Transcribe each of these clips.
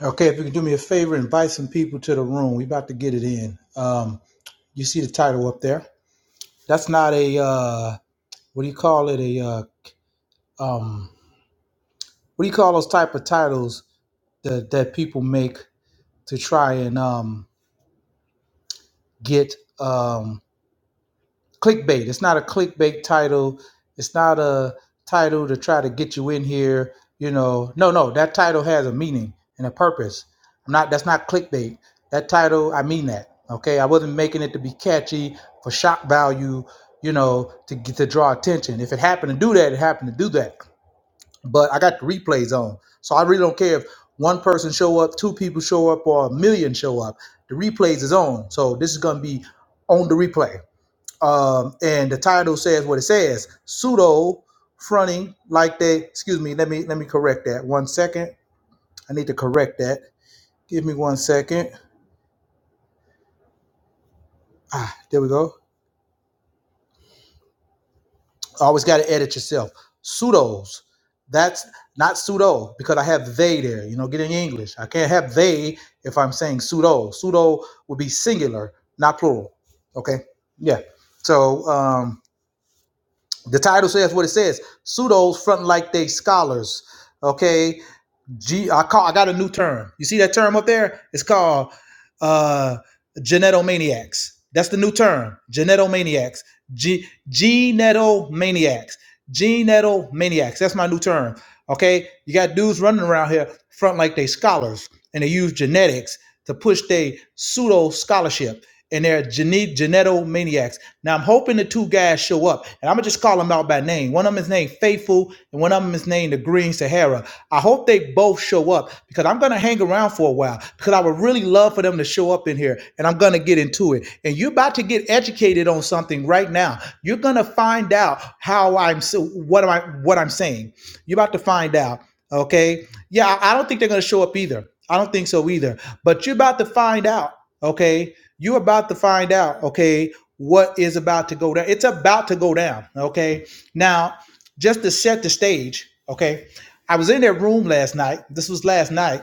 Okay, if you can do me a favor, invite some people to the room. We about to get it in. Um, you see the title up there. That's not a uh, what do you call it? A uh, um, what do you call those type of titles that that people make to try and um, get? um, clickbait. It's not a clickbait title. It's not a title to try to get you in here. You know, no, no. That title has a meaning and a purpose. I'm not. That's not clickbait. That title, I mean that. Okay, I wasn't making it to be catchy for shock value. You know, to get to draw attention. If it happened to do that, it happened to do that. But I got the replays on, so I really don't care if one person show up, two people show up, or a million show up. The replays is on, so this is gonna be on the replay um, and the title says what it says: pseudo fronting like they. Excuse me. Let me let me correct that. One second. I need to correct that. Give me one second. Ah, there we go. Always got to edit yourself. Pseudos. That's not pseudo because I have they there. You know, get in English. I can't have they if I'm saying pseudo. Pseudo would be singular, not plural. Okay. Yeah. So um, the title says what it says. Pseudos front like they scholars. Okay G I call I got a new term. You see that term up there? It's called uh genetomaniacs. That's the new term. Genetomaniacs. G genetomaniacs. Genetomaniacs. That's my new term. Okay? You got dudes running around here front like they scholars and they use genetics to push their pseudo scholarship and they're gene- maniacs. Now I'm hoping the two guys show up, and I'm gonna just call them out by name. One of them is named Faithful, and one of them is named the Green Sahara. I hope they both show up because I'm gonna hang around for a while because I would really love for them to show up in here, and I'm gonna get into it. And you're about to get educated on something right now. You're gonna find out how I'm so what am I what I'm saying. You're about to find out. Okay, yeah, I don't think they're gonna show up either. I don't think so either. But you're about to find out okay you are about to find out okay what is about to go down it's about to go down okay now just to set the stage okay i was in that room last night this was last night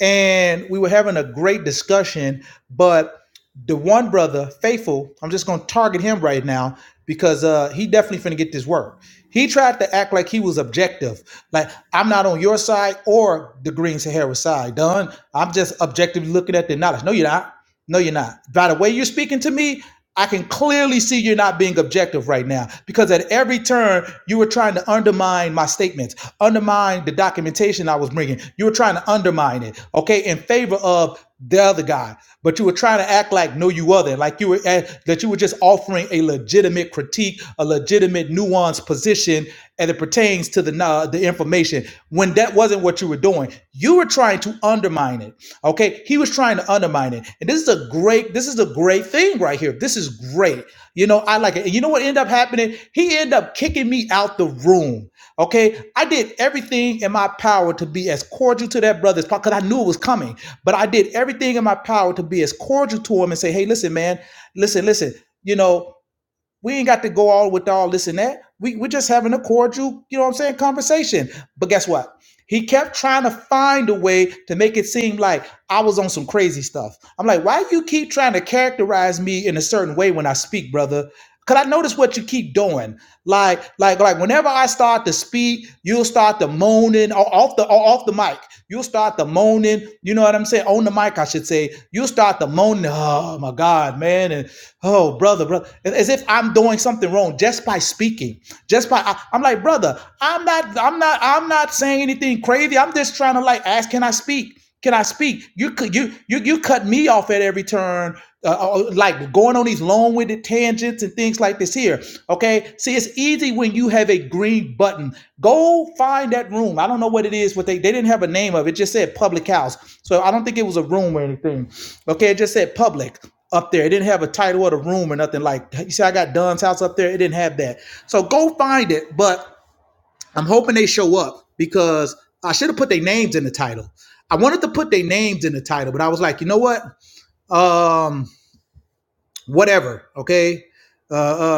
and we were having a great discussion but the one brother faithful i'm just going to target him right now because uh he definitely finna get this work he tried to act like he was objective like i'm not on your side or the green sahara side done i'm just objectively looking at the knowledge no you're not no, you're not. By the way you're speaking to me, I can clearly see you're not being objective right now because at every turn you were trying to undermine my statements, undermine the documentation I was bringing. You were trying to undermine it, okay, in favor of the other guy. But you were trying to act like no you other, like you were eh, that you were just offering a legitimate critique, a legitimate nuanced position as it pertains to the uh, the information when that wasn't what you were doing. You were trying to undermine it. Okay, he was trying to undermine it, and this is a great, this is a great thing right here. This is great. You know, I like it. And you know what ended up happening? He ended up kicking me out the room. Okay, I did everything in my power to be as cordial to that brother because I knew it was coming. But I did everything in my power to be as cordial to him and say, "Hey, listen, man, listen, listen. You know, we ain't got to go all with all this and that. We we're just having a cordial, you know what I'm saying, conversation. But guess what? He kept trying to find a way to make it seem like I was on some crazy stuff. I'm like, why you keep trying to characterize me in a certain way when I speak, brother? Cause I notice what you keep doing. Like, like, like whenever I start to speak, you'll start to moaning. off off the off the mic. You'll start the moaning. You know what I'm saying? On the mic, I should say. You'll start the moaning. Oh my God, man, and oh brother, brother, as if I'm doing something wrong just by speaking. Just by I, am like, brother, I'm not, I'm not, I'm not saying anything crazy. I'm just trying to like ask, can I speak? Can I speak? You could you you you cut me off at every turn, uh, uh, like going on these long-winded tangents and things like this. Here, okay. See, it's easy when you have a green button. Go find that room. I don't know what it is. What they they didn't have a name of it. It Just said public house. So I don't think it was a room or anything. Okay, it just said public up there. It didn't have a title or the room or nothing like. that. You see, I got Dunn's house up there. It didn't have that. So go find it, but I'm hoping they show up because I should have put their names in the title. I wanted to put their names in the title, but I was like, you know what? Um, whatever. Okay. Uh,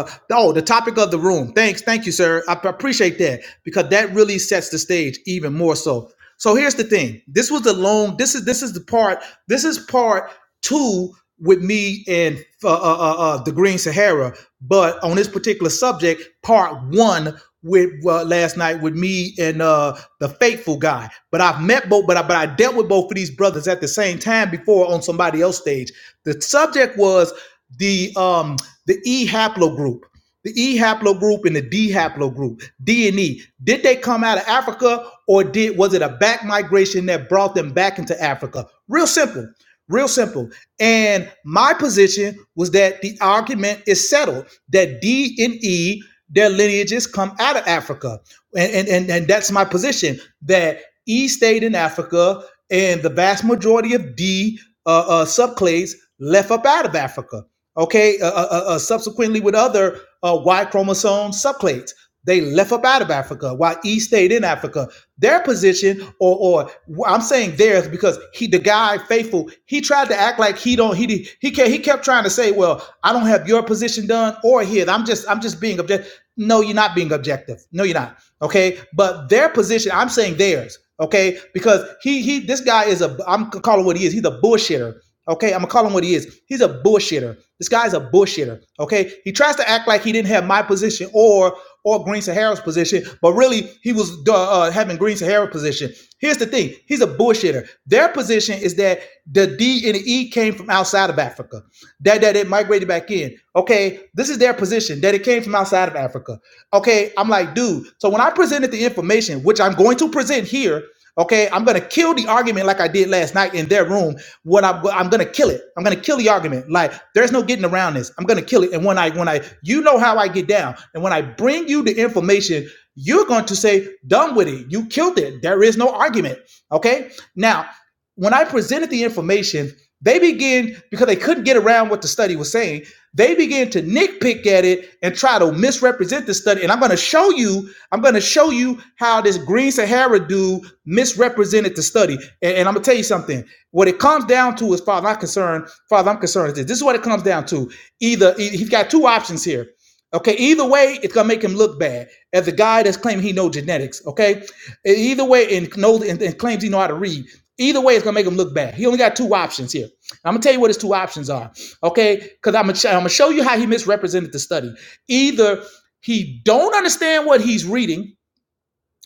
uh, oh, the topic of the room. Thanks, thank you, sir. I appreciate that because that really sets the stage even more so. So here's the thing. This was the long. This is this is the part. This is part two with me and uh, uh, uh, uh, the Green Sahara. But on this particular subject, part one with uh, last night with me and uh, the faithful guy. But I've met both. But I but I dealt with both of these brothers at the same time before on somebody else's stage. The subject was the um the E haplogroup, the E haplogroup and the D haplogroup, D and E. Did they come out of Africa or did was it a back migration that brought them back into Africa? Real simple. Real simple. And my position was that the argument is settled that D and E, their lineages come out of Africa. And, and, and, and that's my position that E stayed in Africa, and the vast majority of D uh, uh, subclades left up out of Africa. Okay, uh, uh, uh, uh, subsequently with other uh, Y chromosome subclades, they left up out of Africa while E stayed in Africa. Their position, or or I'm saying theirs, because he the guy faithful, he tried to act like he don't he he kept, he kept trying to say, well, I don't have your position done or his. I'm just I'm just being objective. No, you're not being objective. No, you're not Okay, but their position, I'm saying theirs. Okay, because he he this guy is a I'm calling what he is. He's a bullshitter. Okay, I'm gonna call him what he is. He's a bullshitter. This guy's a bullshitter. Okay, he tries to act like he didn't have my position or or Green Sahara's position, but really he was uh, uh, having Green Sahara's position. Here's the thing: he's a bullshitter. Their position is that the D and the E came from outside of Africa that that it migrated back in. Okay, this is their position that it came from outside of Africa. Okay, I'm like, dude. So when I presented the information, which I'm going to present here, okay, I'm gonna kill the argument like I did last night in their room. What I'm I'm gonna kill it. I'm gonna kill the argument. Like there's no getting around this. I'm gonna kill it. And when I when I you know how I get down, and when I bring you the information, you're going to say, done with it. You killed it. There is no argument. Okay. Now when I presented the information, they began, because they couldn't get around what the study was saying, they began to nitpick at it and try to misrepresent the study. And I'm going to show you, I'm going to show you how this Green Sahara dude misrepresented the study. And, and I'm going to tell you something. What it comes down to is, Father, I'm concerned, Father, I'm concerned is this. This is what it comes down to. Either he- has got two options here. Okay, either way, it's gonna make him look bad as a guy that's claiming he knows genetics. Okay, either way, and knows and, and claims he know how to read. Either way, it's gonna make him look bad. He only got two options here. I'm gonna tell you what his two options are, okay? Because I'm gonna I'm gonna show you how he misrepresented the study. Either he don't understand what he's reading,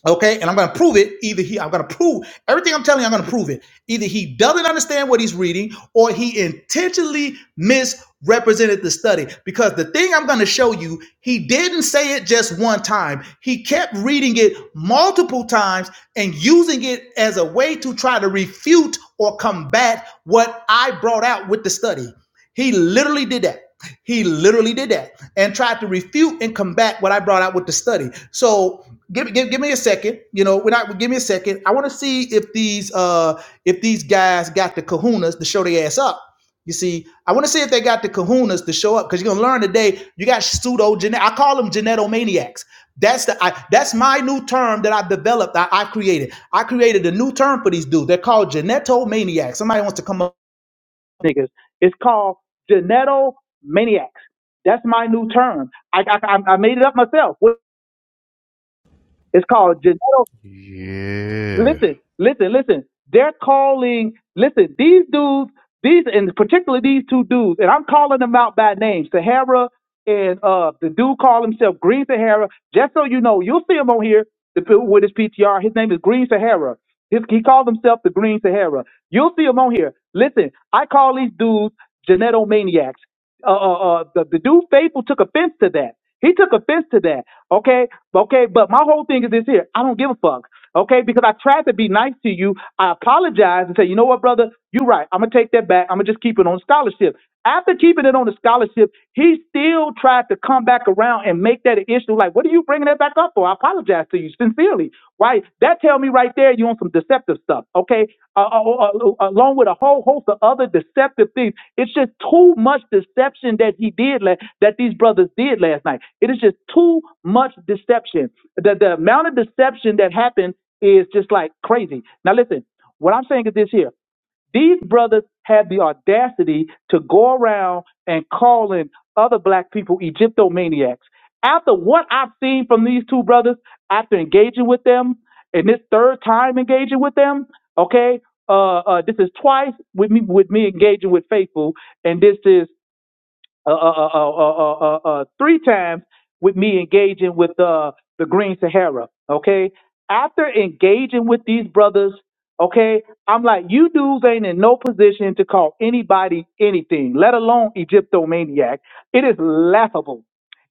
Okay, and I'm going to prove it. Either he, I'm going to prove everything I'm telling you. I'm going to prove it. Either he doesn't understand what he's reading, or he intentionally misrepresented the study. Because the thing I'm going to show you, he didn't say it just one time. He kept reading it multiple times and using it as a way to try to refute or combat what I brought out with the study. He literally did that. He literally did that and tried to refute and combat what I brought out with the study. So give, give, give me a second. You know, we're not give me a second, I want to see if these uh if these guys got the kahunas to show their ass up. You see, I want to see if they got the kahunas to show up because you're gonna learn today. You got pseudo genet. I call them genetomaniacs. That's the I, that's my new term that I've developed. I, I created. I created a new term for these dudes. They're called genetomaniacs. Somebody wants to come up niggas. It's called Geneto maniacs. That's my new term. I, I, I I made it up myself. It's called Geneto Yeah. Listen, listen, listen. They're calling. Listen, these dudes, these and particularly these two dudes, and I'm calling them out by name, Sahara and uh the dude called himself Green Sahara. Just so you know, you'll see him on here the, p- with his PTR. His name is Green Sahara. His, he called himself the Green Sahara. You'll see him on here. Listen, I call these dudes genetomaniacs. Uh, uh, uh the, the dude Faithful took offense to that. He took offense to that. Okay, okay, but my whole thing is this here. I don't give a fuck okay? Because I tried to be nice to you. I apologize and say, you know what, brother, you're right. I'm gonna take that back. I'm gonna just keep it on scholarship. After keeping it on the scholarship, he still tried to come back around and make that an issue. Like, what are you bringing that back up for? I apologize to you sincerely. Right? That tell me right there you on some deceptive stuff, okay? Uh, uh, uh, uh, uh, along with a whole host of other deceptive things. It's just too much deception that he did la- that these brothers did last night. It is just too much deception. The, the amount of deception that happened is just like crazy. Now, listen, what I'm saying is this here. These brothers had the audacity to go around and calling other black people Egyptomaniacs. After what I see these two brothers, at them and them, okay, uh, uh, this is twice with me with me engaging with faithful, and this is uh, uh, uh, uh, uh, uh, uh, uh, three times with me engaging uh, the Guerra, okay. After engaging with us, okay, I'm like, in no position to call anybody anything, let alone Egyptomaniac. It is laughable.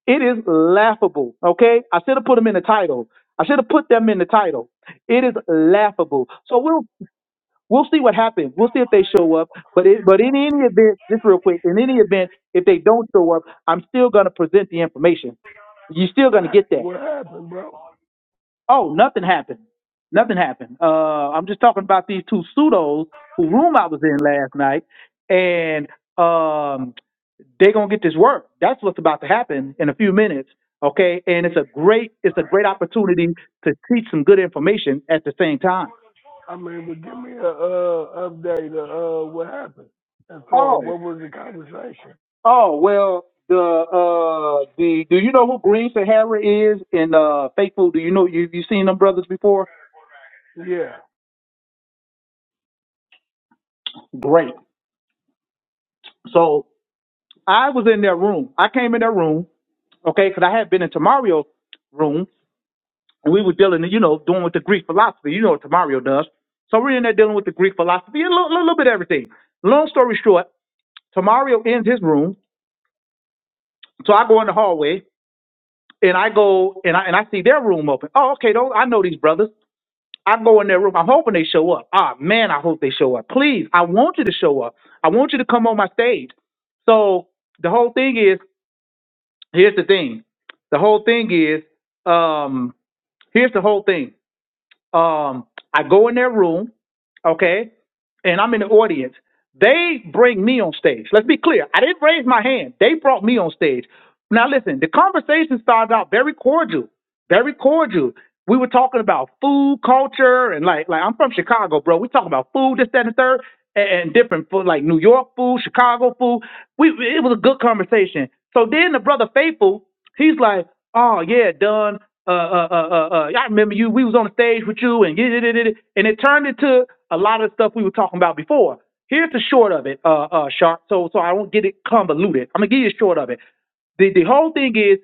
It is laughable. Okay. I should have put them in the title. I should have put them in the title. It is laughable. So we'll we'll see what happens. We'll see if they show up. But it, but in any event, just real quick, in any event, if they don't show up, I'm still gonna present the information. You're still What gonna get that. what happened, bro? Oh, nothing happened. Nothing happened. Uh, I'm just talking about these two pseudos whose room I was in last night, and um, they're gonna get this work. That's what's about to happen in a few minutes. Okay, and it's a great it's a great opportunity to teach some good information at the same time. I mean, but give me a uh update of uh what happened as far as Oh, what was the conversation. oh well, the uh the do you know who Green Sahara is in uh Faithful? Do you know you you seen them brothers before? Yeah. Great. So I was in their room. I came in their room okay? Because I had been into Mario's room and we were dealing, you know, doing with the Greek philosophy. You know what Tamario does. So we're in there dealing with the Greek philosophy, a little, little bit of everything. Long story short, Tamario ends his room. So I go in the hallway and I go and I and I see their room open. Oh, okay, those I know these brothers. I go in their room. I'm hoping they show up. Ah, man, I hope they show up. Please, I want you to show up. I want you to come on my stage. So the whole thing is, here's the thing. The whole thing is, um, here's the whole thing. Um, I go in their room, okay, and I'm in the audience. They bring me on stage. Let's be clear. I didn't raise my hand. They brought me on stage. Now listen, the conversation started out very cordial very cordial. We were talking about food culture and like like I'm from Chicago, bro. We talking about food, this, that, and third, and, and different food like New York food, Chicago food. We it was a good conversation. So then the brother Faithful, he's like, oh yeah, done. Uh, uh, uh, uh, uh, I remember you. We was on the stage with you, and yeah, yeah, yeah, yeah. and it turned into a lot of the stuff we were talking about before. Here's the short of it, uh, uh, Sharp. So so I won't get it convoluted. I'm gonna give you a short of it the, the whole thing is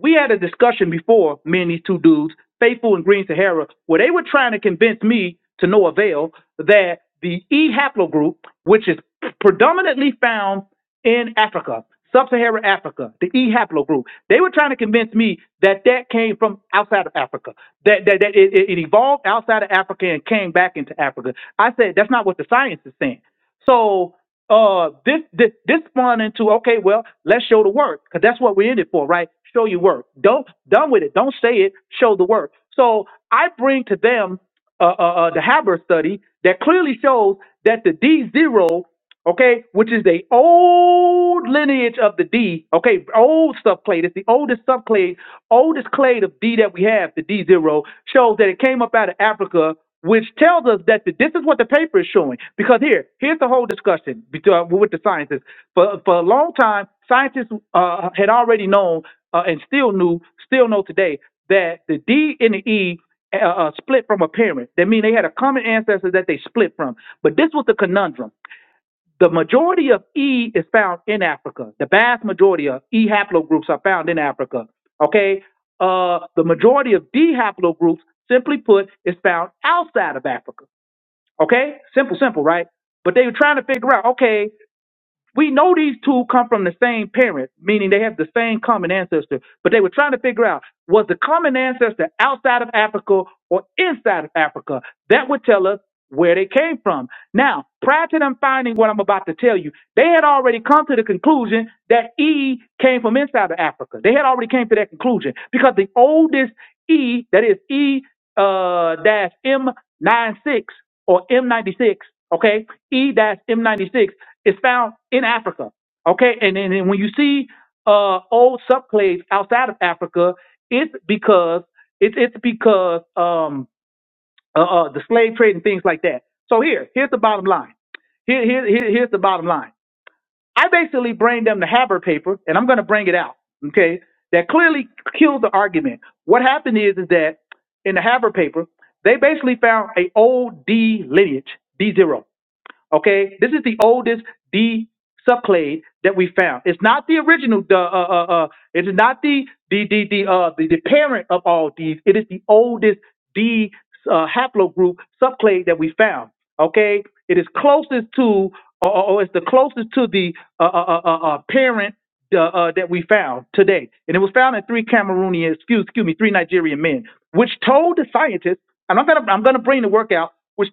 we had a discussion before, me and these two dudes, Faithful and Green Sahara, where they were trying to convince me to no avail that the E haplogroup, which is predominantly found in Africa, sub-Saharan Africa, the E haplogroup, they were trying to convince me that that came from outside of Africa, that that, that it, it it evolved outside of Africa and came back into Africa. I said that's not what the science is saying. So uh, this this this spawned into okay, well, let's show the work because that's what we're in it for, right? Show your work. Don't done with it. Don't say it. Show the work. So I bring to them uh, uh, uh, the Haber study that clearly shows that the D zero okay, which is the old lineage of the D, okay, old subclade. It's the oldest subclade, oldest clade of D that we have, the D zero, shows that it came up out of Africa, which tells us that the, this is what the paper is showing. Because here, here's the whole discussion bet- uh, with the scientists. For for a long time, scientists uh, had already known uh, and still knew, still know today that the D and the E uh, uh, split from a parent. That means they had a common ancestor that they split from. But this was the conundrum. The majority of E is found in Africa. The vast majority of E haplogroups are found in Africa. Okay. Uh, the majority of D haplogroups, simply put, is found outside of Africa. Okay. Simple, simple, right? But they were trying to figure out, okay, we know these two come from the same parent, meaning they have the same common ancestor, but they were trying to figure out was the common ancestor outside of Africa or inside of Africa? That would tell us where they came from. Now, prior to them finding what I'm about to tell you, they had already come to the conclusion that E came from inside of Africa. They had already came to that conclusion because the oldest E, that is E uh, dash M96 or M96, okay? E dash M96 is found in Africa, okay? And then and when you see uh, old subclades outside of Africa, it's because it's it's because um, uh, uh, the slave trade and things like that. So here, here's the bottom line. Here, here, here- here's the bottom line. I basically bring them the Haber paper, and I'm going to bring it out, okay, that clearly kills the argument. What happened is, is that in the Haber paper, they basically found a old D lineage, D0. Okay, this is the oldest D subclade that we found. It's not the original. The uh, uh, uh, it is not the the the the uh the, the parent of all Ds. It is the oldest D uh, haplogroup subclade that we found. Okay, it is closest to or, or or it's the closest to the uh, uh, uh, uh, uh, parent. Uh, uh, that we found today, and it was found in three Cameroonian, excuse, excuse me, three Nigerian men, which told the scientists, and I'm gonna, I'm gonna bring the work out, which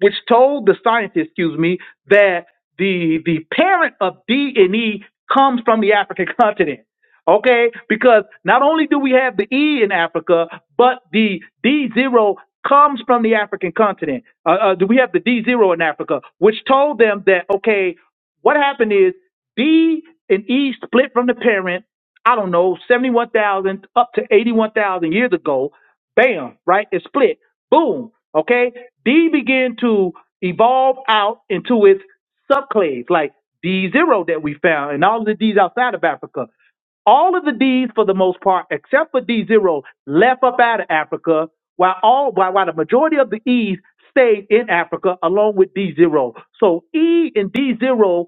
which told the scientists, excuse me, that the the parent of D and E comes from the African continent. Okay, because not only do we have the E in Africa, but the D zero comes from the African continent. Uh, uh, do we have the D zero in Africa? Which told them that okay, what happened is D and E split from the parent. I don't know, 71,000 up to 81,000 years ago. Bam, right? It split. Boom. Okay. D began to evolve out into its subclades, like D0 that we found, and all of the Ds outside of Africa. All of the Ds, for the most part, except for D0, left up out of Africa, while all while, while the majority of the Es stayed in Africa along with D0. So E and D0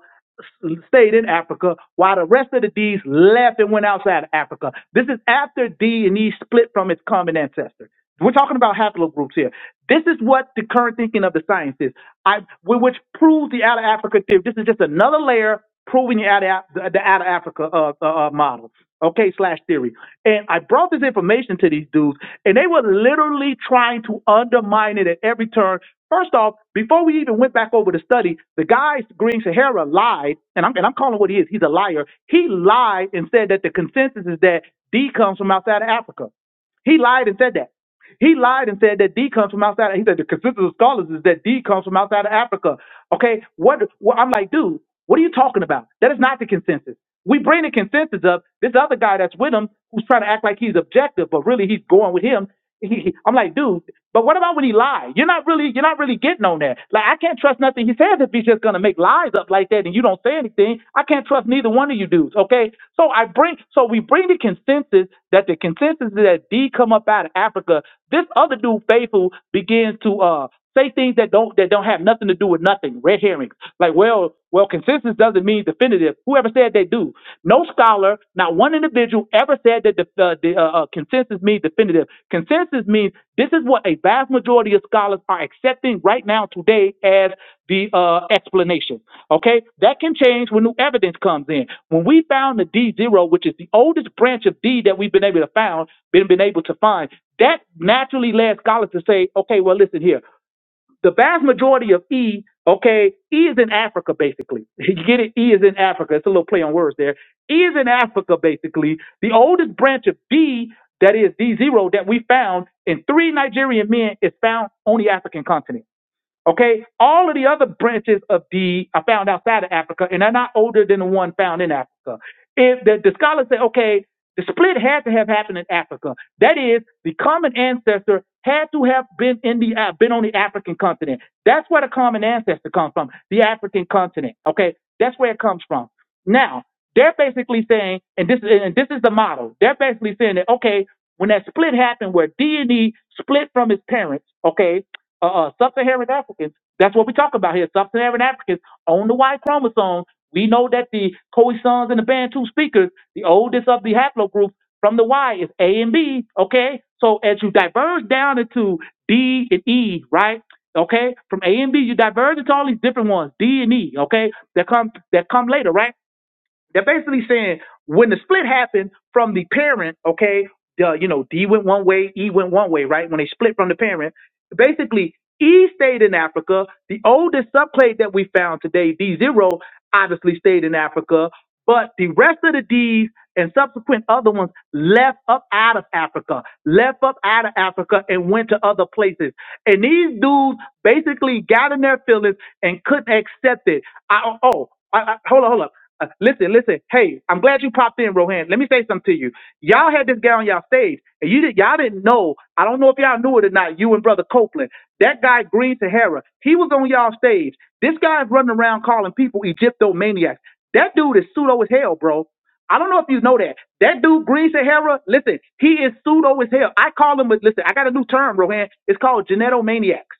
stayed in Africa while the rest of the D's left and went outside of Africa. This is after D and E split from its common ancestor. We're talking about haplogroups here. This is what the current thinking of the science is, I, which proves the out of Africa theory. This is just another layer proving out of Af- the out of Africa uh, uh, uh, model, okay, slash theory. And I brought this information to these dudes, and they were literally trying to undermine it at every turn. First off, before we even went back over the study, the guy Green Sahara lied, and I'm and I'm calling what he is. He's a liar. He lied and said that the consensus is that D comes from outside of Africa. He lied and said that. He lied and said that D comes from outside. He said the consensus of scholars is that D comes from outside of Africa. Okay, what? Well, I'm like, dude, what are you talking about? That is not the consensus. We bring the consensus up. This other guy that's with him, who's trying to act like he's objective, but really he's going with him. I'm like, dude, but what about when he lied? You're not really, you're not really getting on that. Like, I can't trust nothing he says if he's just gonna make lies up like that and you don't say anything. I can't trust neither one of you dudes. Okay, so I bring, so we bring the consensus that the consensus is that D come up out of Africa. This other dude, Faithful, begins to uh Say things that don't that don't have nothing to do with nothing. Red herrings. Like, well, well, consensus doesn't mean definitive. Whoever said they do. No scholar, not one individual ever said that the, uh, the uh, uh, consensus means definitive. Consensus means this is what a vast majority of scholars are accepting right now today as the uh, explanation. Okay, that can change when new evidence comes in. When we found the D zero, which is the oldest branch of D that we've been able to found, been been able to find, that naturally led scholars to say, okay, well, listen here the vast majority of E, okay, E is in Africa basically. You get it? E is in Africa. It's a little play on words there. E is in Africa basically. The oldest branch of D, that is D zero, that we found in three Nigerian men is found on the African continent. Okay, all of the other branches of the are found outside of Africa, and are not older than the one found in Africa. If the, the scholars say, okay, the split had to have happened in Africa. That is, the common ancestor had to have been in the uh, been on the African continent. That's where the common ancestor comes from, the African continent. Okay, that's where it comes from. Now they're basically saying, and this and this is the model. They're basically saying that okay, when that split happened, where D and E split from his parents, okay, uh, uh, sub-Saharan Africans. That's what we talk about here. Sub-Saharan Africans on the Y chromosome. We know that the Khoisans and the Bantu speakers, the oldest of the haplogroups from the Y is A and B. Okay, so as you diverge down into D and E, right? Okay, from A and B, you diverge into all these different ones, D and E. Okay, that come that come later, right? They're basically saying when the split happened from the parent, okay, the, you know, D went one way, E went one way, right? When they split from the parent, basically E stayed in Africa. The oldest subclade that we found today, D0, obviously stayed in Africa, but the rest of the Ds and subsequent other ones left up out of Africa, left up out of Africa and went to other places. And these dudes basically got in their feelings and couldn't accept it I, oh, oh, I, I, hold on, hold up. Uh, listen, listen. Hey, I'm glad you popped in, Rohan. Let me say something to you. Y'all had this guy on y'all stage, and you did, y'all didn't know. I don't know if y'all knew it or not. You and Brother Copeland, that guy Green Sahara, he was on y'all stage. This guy is running around calling people Egyptomaniacs. That dude is pseudo as hell, bro. I don't know if you know that. That dude Green Sahara, listen, he is pseudo as hell. I call him. a- Listen, I got a new term, Rohan. It's called genetomaniacs.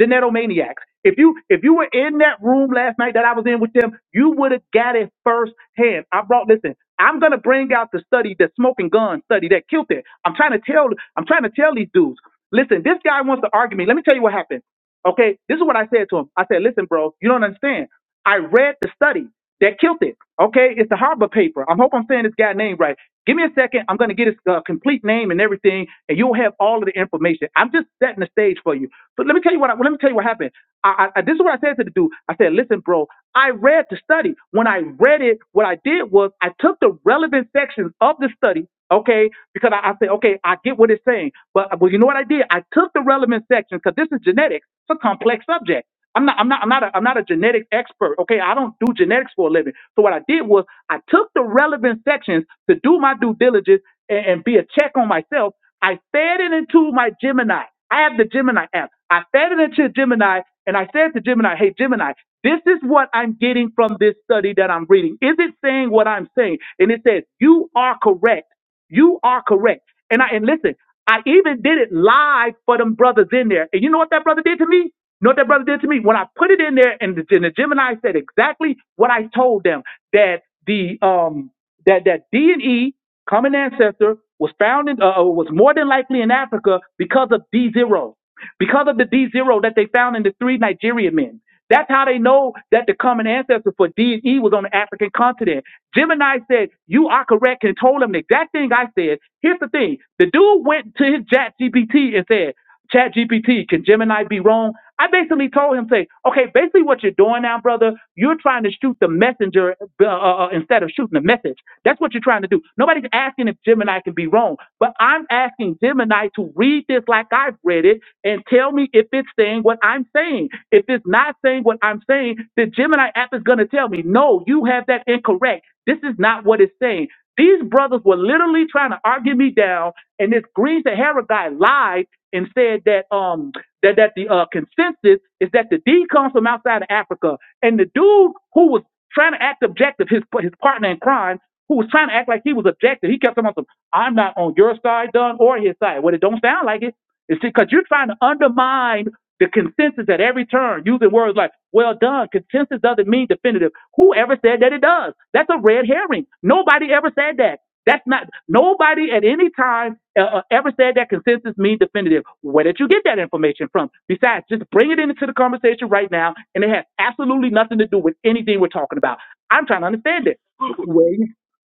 Genetomaniacs. If you if you were in that room last night that I was in with them, you would have got it firsthand. I brought listen. I'm gonna bring out the study, the smoking gun study that killed it. I'm trying to tell I'm trying to tell these dudes. Listen, this guy wants to argue me. Let me tell you what happened. Okay, this is what I said to him. I said, listen, bro, you don't understand. I read the study that killed it. Okay, it's the Harbor paper. I hope I'm saying this guy's name right. Give me a second. I'm going to get his uh, complete name and everything, and you'll have all of the information. I'm just setting the stage for you. But let me tell you what. I, let me tell you what happened. I, I, this is what I said to the dude. I said, "Listen, bro. I read the study. When I read it, what I did was I took the relevant sections of the study. Okay, because I, I said, okay, I get what it's saying. But well, you know what I did? I took the relevant sections because this is genetics. It's a complex subject. I'm not, I'm not, I'm not, a, I'm not a genetic expert. Okay, I don't do genetics for a living. So what I did was I took the relevant sections to do my due diligence and, and be a check on myself. I fed it into my Gemini. I have the Gemini app. I fed it into Gemini, and I said to Gemini, "Hey Gemini, this is what I'm getting from this study that I'm reading. Is it saying what I'm saying?" And it says, "You are correct." You are correct. And I and listen, I even did it live for them brothers in there. And you know what that brother did to me? You know what that brother did to me? When I put it in there and the, and the Gemini said exactly what I told them that the um that that D and E common ancestor was found in uh, was more than likely in Africa because of D zero because of the D zero that they found in the three Nigerian men. That's how they know that the common ancestor for D and E was on the African continent. Gemini said, You are correct, and told him the exact thing I said. Here's the thing the dude went to his chat GPT and said, Chat GPT, can Gemini be wrong? I basically told him, say, okay, basically what you're doing now, brother, you're trying to shoot the messenger uh, uh, uh, instead of shooting the message. That's what you're trying to do. Nobody's asking if Gemini can be wrong, but I'm asking Gemini to read this like I've read it and tell me if it's saying what I'm saying. If it's not saying what I'm saying, the Gemini app is going to tell me, no, you have that incorrect. This is not what it's saying. These brothers were literally trying to argue me down, and this Green Sahara guy lied and said that um that that the uh, consensus is that the D comes from outside of Africa, and the dude who was trying to act objective, his his partner in crime, who was trying to act like he was objective, he kept on some, "I'm not on your side, Dunn, or his side." Well, it don't sound like it you see, because you're trying to undermine the consensus at every turn, using words like "well done." Consensus doesn't mean definitive. Whoever said that it does? That's a red herring. Nobody ever said that. That's not nobody at any time uh, uh, ever said that consensus means definitive. Where did you get that information from? Besides, just bring it into the conversation right now, and it has absolutely nothing to do with anything we're talking about. I'm trying to understand it. What Wait,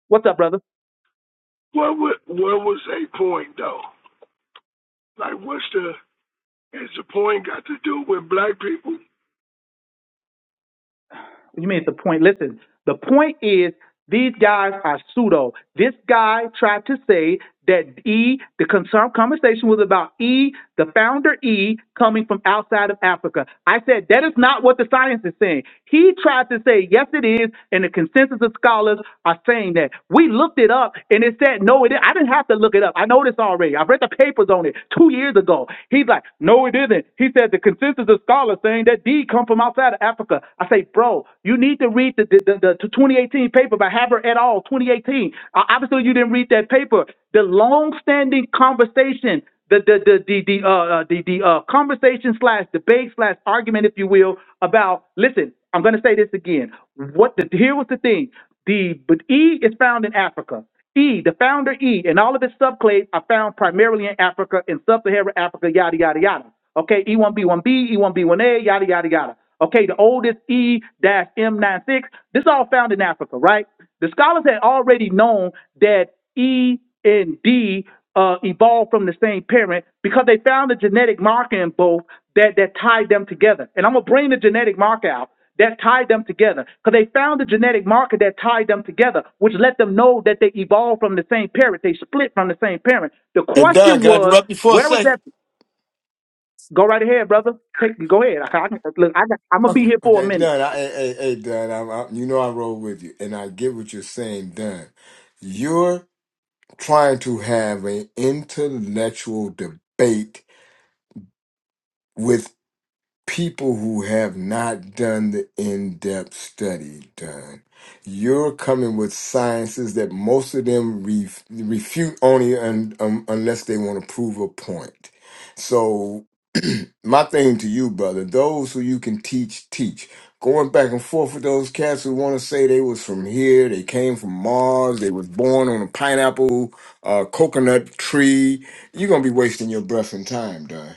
what's up, brother? wa- what wa- what was a point though? Like what's the is the point got to do with black people? You made the point. Listen, the point is these guys are pseudo. This guy tried to say that E, the con- conversation was about E, the founder E, coming from outside of Africa. I said that is not what the science is saying. He tried to say yes, it is, and the consensus of scholars are saying that. We looked it up, and it said no. It is. I didn't have to look it up. I know this already. I read the papers on it two years ago. He's like, no, it isn't. He said the consensus of scholars saying that D come from outside of Africa. I say, bro. No, you need to read the, the, the, the 2018 paper by Haber et al. 2018. Uh, obviously, you didn't read that paper. The long-standing conversation, the the the the the uh, uh, the, the uh, conversation slash debate slash argument, if you will, about listen. I'm going to say this again. What the here was the thing. The but E is found in Africa. E, the founder E, and all of its subclades are found primarily in Africa, in sub-Saharan Africa, yada yada yada. Okay, E1B1B, E1B1A, yada yada yada. Okay, the oldest E-M96. This is all found in Africa, right? The scholars had already known that E and D uh, evolved from the same parent because they found a genetic marker in both that that tied them together. And I'm gonna bring the genetic marker out that tied them together because they found the genetic marker that tied them together, which let them know that they evolved from the same parent. They split from the same parent. The Hey Don, question can I was, interrupt you for a where was that? second? Go right ahead, brother. Take go ahead. I, I, look, I, I'm gonna be Okay, here for a okay, minute. Dunn. I, hey, hey, hey, Dunn. I'm, I, you know I roll with you, and I get what you're saying, Dunn. You're trying to have an intellectual debate with. people who have not done the in-depth study done you're coming with sciences that most of them ref- refute only un- um, unless they want to prove a point so my thing to you brother those who you can teach teach going back and forth with those cats who want to say they was from here they came from mars they was born on a pineapple uh, coconut tree you're gonna be wasting your breath and time done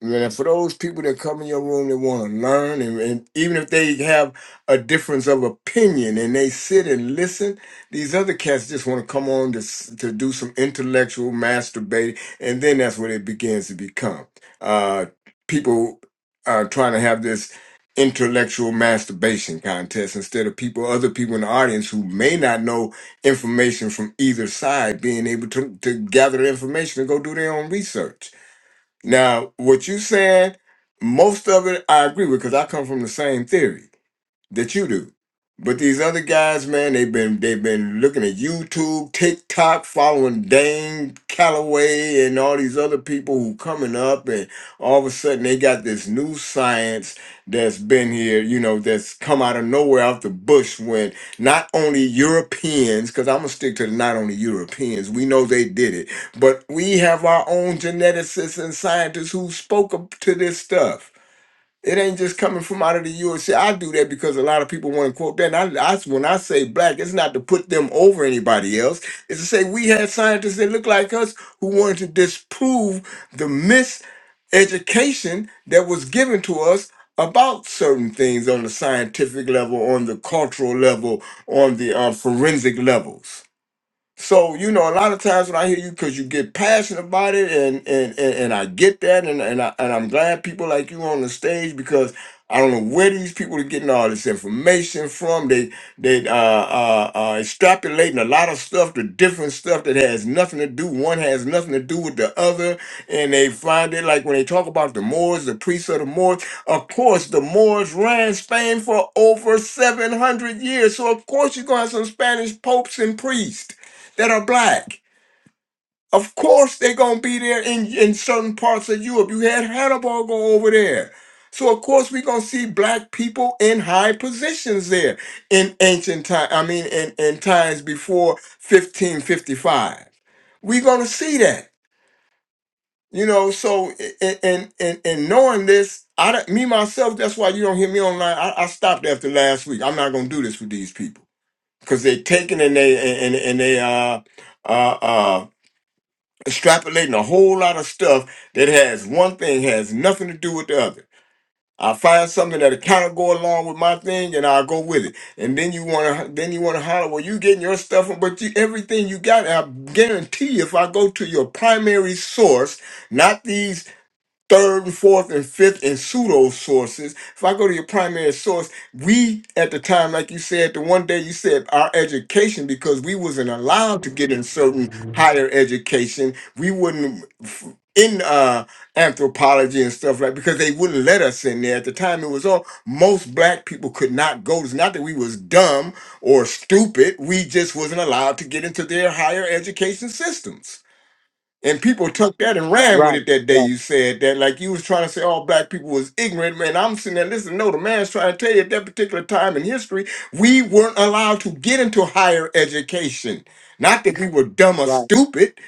and for those people that come in your room that want to learn, and, and even if they have a difference of opinion and they sit and listen, these other cats just want to come on to, s- to do some intellectual masturbate, and then that's what it begins to become. Uh, people are trying to have this intellectual masturbation contest instead of people, other people in the audience who may not know information from either side, being able to, to gather information and go do their own research. Now, what you saying, most of it I agree with because I come from the same theory that you do. But these other guys, man, they've been they've been looking at YouTube, TikTok, following Dane Calloway and all these other people who coming up, and all of a sudden they got this new science that's been here, you know, that's come out of nowhere out the bush when not only Europeans, because I'm gonna stick to the not only Europeans, we know they did it, but we have our own geneticists and scientists who spoke up to this stuff it ain't just coming from out of the USA. I do that because a lot of people want to quote that. And I, I, when I say black, it's not to put them over anybody else. It's to say we had scientists that look like us who wanted to disprove the miseducation that was given to us about certain things on the scientific level, on the cultural level, on the uh, forensic levels. So you know, a lot of times when I hear you, because you get passionate about it, and and and, and I get that, and and, I, and I'm glad people like you on the stage because I don't know where these people are getting all this information from. They they uh, uh, uh, extrapolating a lot of stuff to different stuff that has nothing to do. One has nothing to do with the other, and they find it like when they talk about the Moors, the priests of the Moors. Of course, the Moors ran Spain for over 700 years, so of course you're gonna have some Spanish popes and priests that are black. Of course, they're gonna be there in in certain parts of Europe. You had Hannibal go over there, so of course we're gonna see black people in high positions there in ancient time. I mean, in in times before 1555, we're gonna see that. You know, so and and and, and knowing this, I don't- me myself. That's why you don't hear me online. I, I stopped after last week. I'm not gonna do this for these people because they're taking and they and and and they uh uh uh extrapolating a whole lot of stuff that has one thing has nothing to do with the other. I find something that'll kind of go along with my thing, and I'll go with it. And then you want to, then you want to holler, "Well, you getting your stuff from?" But you, everything you got, I guarantee you, if I go to your primary source, not these third, fourth, and fifth and pseudo sources. If I go to your primary source, we at the time, like you said, the one day you said our education, because we wasn't allowed to get in certain higher education, we wouldn't f- in uh anthropology and stuff like because they wouldn't let us in there at the time it was all most black people could not go it's not that we was dumb or stupid we just wasn't allowed to get into their higher education systems and people took that and ran with Right, it that day right, you said that, like you was trying to say all black people was ignorant, man. I'm sitting there listening. No, the man's trying to tell you at that particular time in history, we weren't allowed to get into higher education. Not that we were dumb or right. stupid.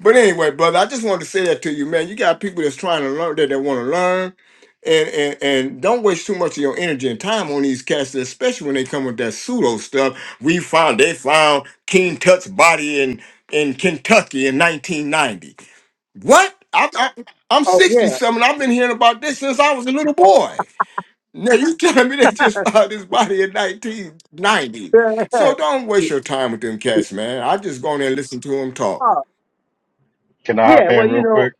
But anyway, brother, I just wanted to say that to you, man. You got people that's trying to learn that they want to learn. And, and and don't waste too much of your energy and time on these cats, especially when they come with that pseudo stuff. We found they found King Tut's body in in Kentucky in 1990. What? I, I, I'm Oh 60 yeah. something. I've been hearing about this since I was a little boy. Now you telling me they just found his body in 1990. So don't waste your time with them cats, man. I just go in there and listen to him talk. oh, Can I yeah. hop Well, in you real know. quick?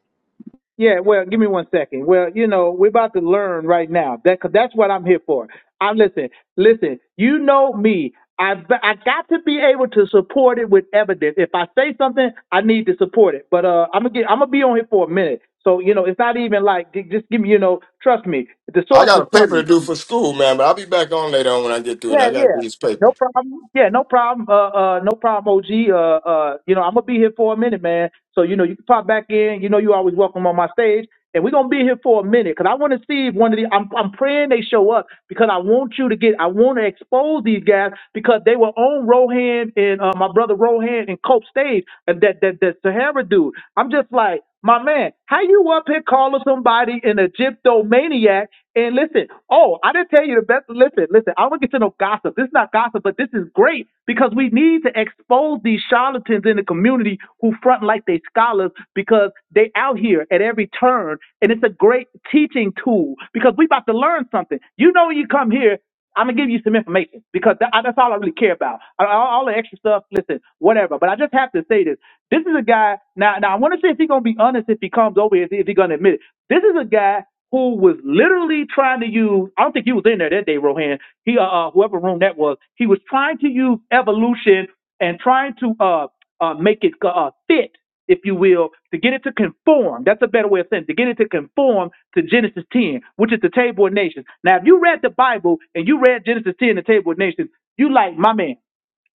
Yeah, well, give me one second. Well, you know, we're about to learn right now. That cause that's what I'm here for. I listen, listen. You know me. I I got to be able to support it with evidence. If I say something, I need to support it. But uh, I'm gonna get I'm gonna be on here for a minute. So you know, it's not even like j- just give me you know, trust me. The I source got is a paper coming. to do for school, man, but I'll be back on later on when I get through it. Yeah, I got to yeah. do this paper. No problem. Yeah, no problem. Uh, uh, no problem, OG. Uh, uh, you know, I'm gonna be here for a minute, man. So you know, you can pop back in. You know, you always welcome on my stage, and we're gonna be here for a minute because I want to see if one of the. I'm, I'm praying they show up because I want you to get. I want to expose these guys because they were on Rohan and uh, my brother Rohan and Cope stage and that that that Sahara dude. I'm just like. My man, how you up here calling somebody an Egyptomaniac? And listen, oh, I didn't tell you the best. Listen, listen, I don't get to no gossip. This is not gossip, but this is great because we need to expose these charlatans in the community who front like they scholars because they out here at every turn. And it's a great teaching tool because we about to learn something. You know, when you come here. I'm gonna give you some information because tha- that's all I really care about. All, all the extra stuff, listen, whatever. But I just have to say this: this is a guy. Now, now I want to see if he's gonna be honest if he comes over, if, if he's gonna admit it. This is a guy who was literally trying to use. I don't think he was in there that day, Rohan. He, uh, uh, whoever room that was, he was trying to use evolution and trying to uh, uh make it uh, uh, fit if you will, to get it to conform. That's a better way of saying it, to get it to conform to Genesis 10, which is the table of nations. Now, if you read the Bible and you read Genesis 10, the table of nations, you like my man.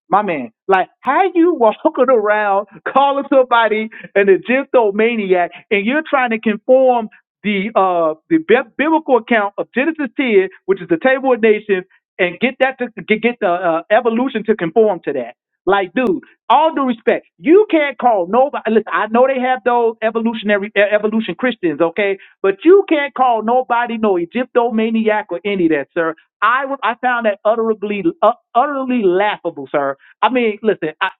My man, like how you walking around calling somebody an Egyptomaniac and you're trying to conform the uh the bi- biblical account of Genesis 10, which is the table of nations, and get that to get, get the uh, evolution to conform to that. Like, dude, all due respect, you can't call nobody. Listen, I know they have those evolutionary e- evolution Christians, okay, but you can't call nobody no Egyptomaniac or any of that, sir. I was I found that utterly uh, utterly laughable, sir I mean, listen, I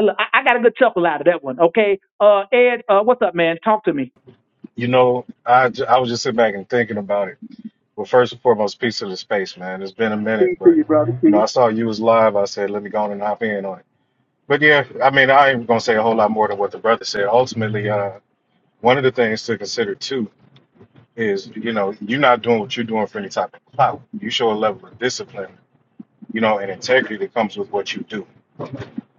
look, I, I got a good chuckle out of that one. Okay, uh, Ed, uh, what's up, man? Talk to me. You know, I, j- I was just sitting back and thinking about it. Well, first and foremost, peace of the space, man. It's been a minute, Peace to but you, brother. you know, Peace. I saw you was live. I said, let me go on and hop in on it. But yeah, I mean, I ain't gonna say a whole lot more than what the brother said. Ultimately, uh, one of the things to consider too is, you know, you're not doing what you're doing for any type of clout. You show a level of discipline, you know, and integrity that comes with what you do.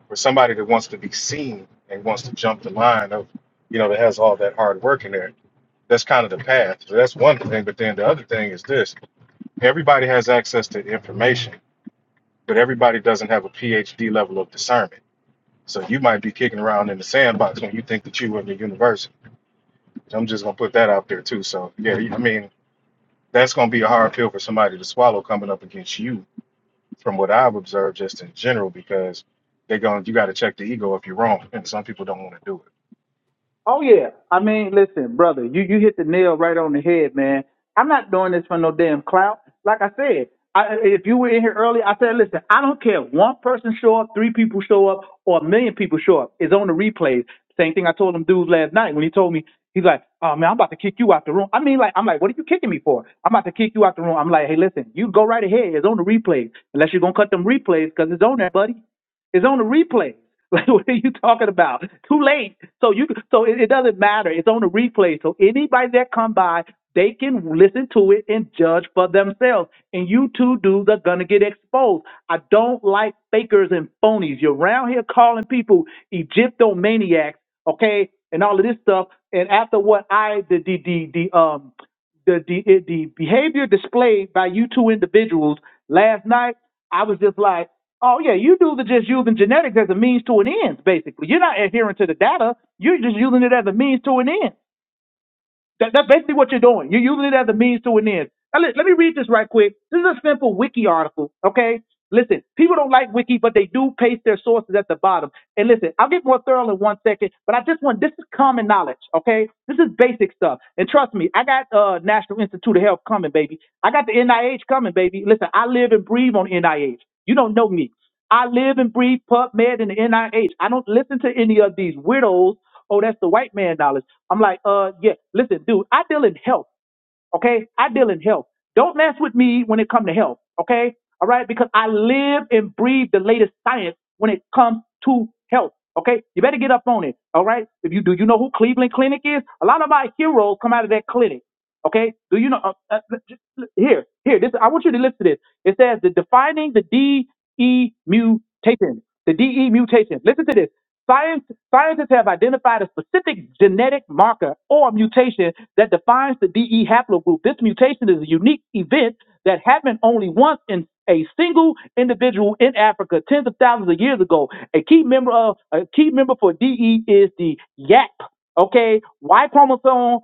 For somebody that wants to be seen and wants to jump the line of, you know, that has all that hard work in there That's kind of the path. So that's one thing. But then the other thing is this everybody has access to information, but everybody doesn't have a PhD level of discernment. So you might be kicking around in the sandbox when you think that you are in the university. So I'm just going to put that out there too. So, yeah, I mean, that's going to be a hard pill for somebody to swallow coming up against you, from what I've observed just in general, because they're going, to you got to check the ego if you're wrong. And some people don't want to do it. Oh yeah. I mean, listen, brother, you you hit the nail right on the head, man. I'm not doing this for no damn clout. Like I said, I, if you were in here early, I said, listen, I don't care. if One person show up, three people show up, or a million people show up. It's on the replays. Same thing I told them dudes last night when he told me He's like, oh man, I'm about to kick you out the room. I mean, like, I'm like, what are you kicking me for? I'm about to kick you out the room. I'm like, hey, listen, you go right ahead. It's on the replays, unless you're gonna cut them replays, cause it's on there, buddy. It's on the replays. Like, what are you talking about? Too late. So you, so it, it doesn't matter. It's on the replay. So anybody that come by, they can listen to it and judge for themselves. And you two dudes are gonna get exposed. I don't like fakers and phonies. You're around here calling people Egyptomaniacs okay, and all of this stuff. And after what I the the the, the um the, the the behavior displayed by you two individuals last night, I was just like, oh yeah, you dudes are just using genetics as a means to an end. Basically, you're not adhering to the data. You're just using it as a means to an end. That, that's basically what you're doing. You're using it as a means to an end. Now, let, let me read this right quick. This is a simple wiki article, okay? Listen, people don't like wiki, but they do paste their sources at the bottom. And listen, I'll get more thorough in one second, but I just want this is common knowledge, okay? This is basic stuff. And trust me, I got uh National Institute of Health coming, baby. I got the NIH coming, baby. Listen, I live and breathe on NIH. You don't know me. I live and breathe PubMed and the NIH. I H. I don't listen to any of these widows. Oh, that's the white man knowledge. I'm like, uh, yeah, listen, dude, I deal in health. Okay, I deal in health. Don't mess with me when it comes to health. Okay, all right, because I live and breathe the latest science when it comes to health. Okay, you better get up on it. All right, if you do, you know who Cleveland Clinic is. A lot of our heroes come out of that clinic. Okay, do you know? Uh, uh, l- j- l- here, here. This I want you to listen to this. It says the defining the DE mutation. The DE mutation. Listen to this. Science, scientists have identified a specific genetic marker or mutation that defines the DE haplogroup. This mutation is a unique event that happened only once in a single individual in Africa tens of thousands of years ago. A key member of a key member for DE is the YAP. Okay, Y chromosome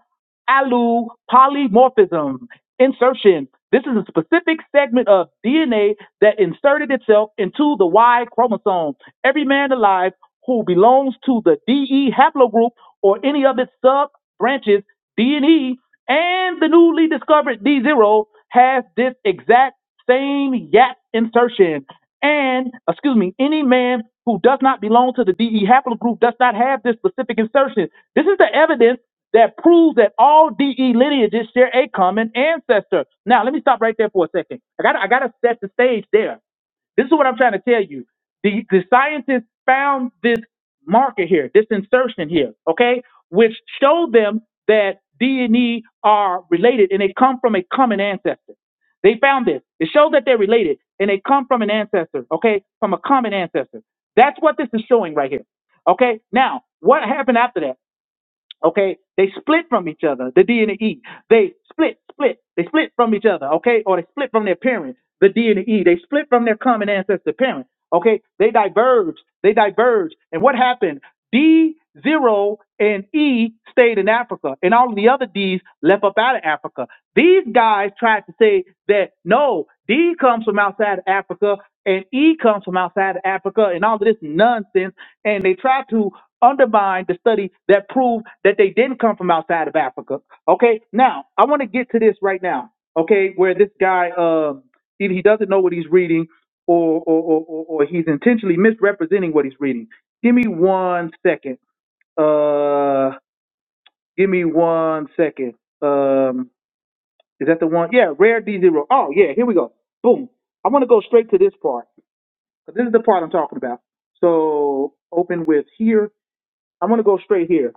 Alu polymorphism insertion. This is a specific segment of DNA that inserted itself into the Y chromosome. Every man alive who belongs to the DE haplogroup or any of its sub branches, D and E, and the newly discovered D0 has this exact same YAP insertion. And, excuse me, any man who does not belong to the DE haplogroup does not have this specific insertion. This is the evidence that proves that all DE lineages share a common ancestor. Now, let me stop right there for a second. I got I got to set the stage there. This is what I'm trying to tell you. The the scientists found this marker here, this insertion here, okay, which showed them that DNA are related and they come from a common ancestor. They found this. It showed that they're related and they come from an ancestor, okay, from a common ancestor. That's what this is showing right here. Okay. Now, what happened after that? Okay, they split from each other, the D and the E. They split, split. They split from each other, okay, or they split from their parent, the D and the E. They split from their common ancestor parent, okay. They diverged. They diverged. And what happened? D zero and E stayed in Africa, and all of the other D's left up out of Africa. These guys tried to say that no, D comes from outside of Africa, and E comes from outside of Africa, and all of this nonsense and they tried to undermine the study that proved that they didn't come from outside of Africa. Okay, now I want to get to this right now. Okay, where this guy um, either he doesn't know what he's reading, or or, or or or he's intentionally misrepresenting what he's reading. Give me one second. Uh, give me one second. Um, is that the one? Yeah, rare D zero. Oh yeah, here we go. Boom. I want to go straight to this part. 'cause This is the part I'm talking about. So open with here I'm going to go straight here.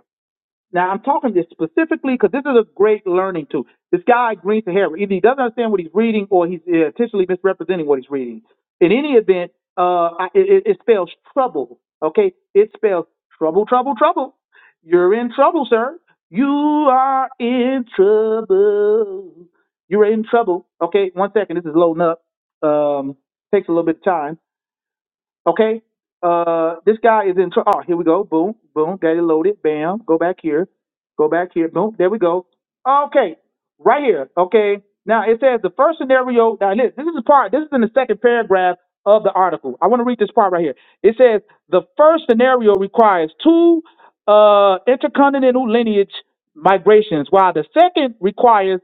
Now, I'm talking this specifically because this is a great learning tool. This guy, Green Sahara, either he doesn't understand what he's reading or he's uh, intentionally misrepresenting what he's reading. In any event, uh, I, it, it spells trouble, okay? It spells trouble, trouble, trouble. You're in trouble, sir. You are in trouble. You're in trouble. Okay, one second. This is loading up. Um, takes a little bit of time. Okay. Uh, this guy is in. tr- Oh, here we go. Boom, boom. Got it loaded. Bam. Go back here. Go back here. Boom. There we go. Okay. Right here. Okay. Now it says the first scenario. Now this, this is the part. This is in the second paragraph of the article. I want to read this part right here. It says the first scenario requires two uh, intercontinental lineage migrations, while the second requires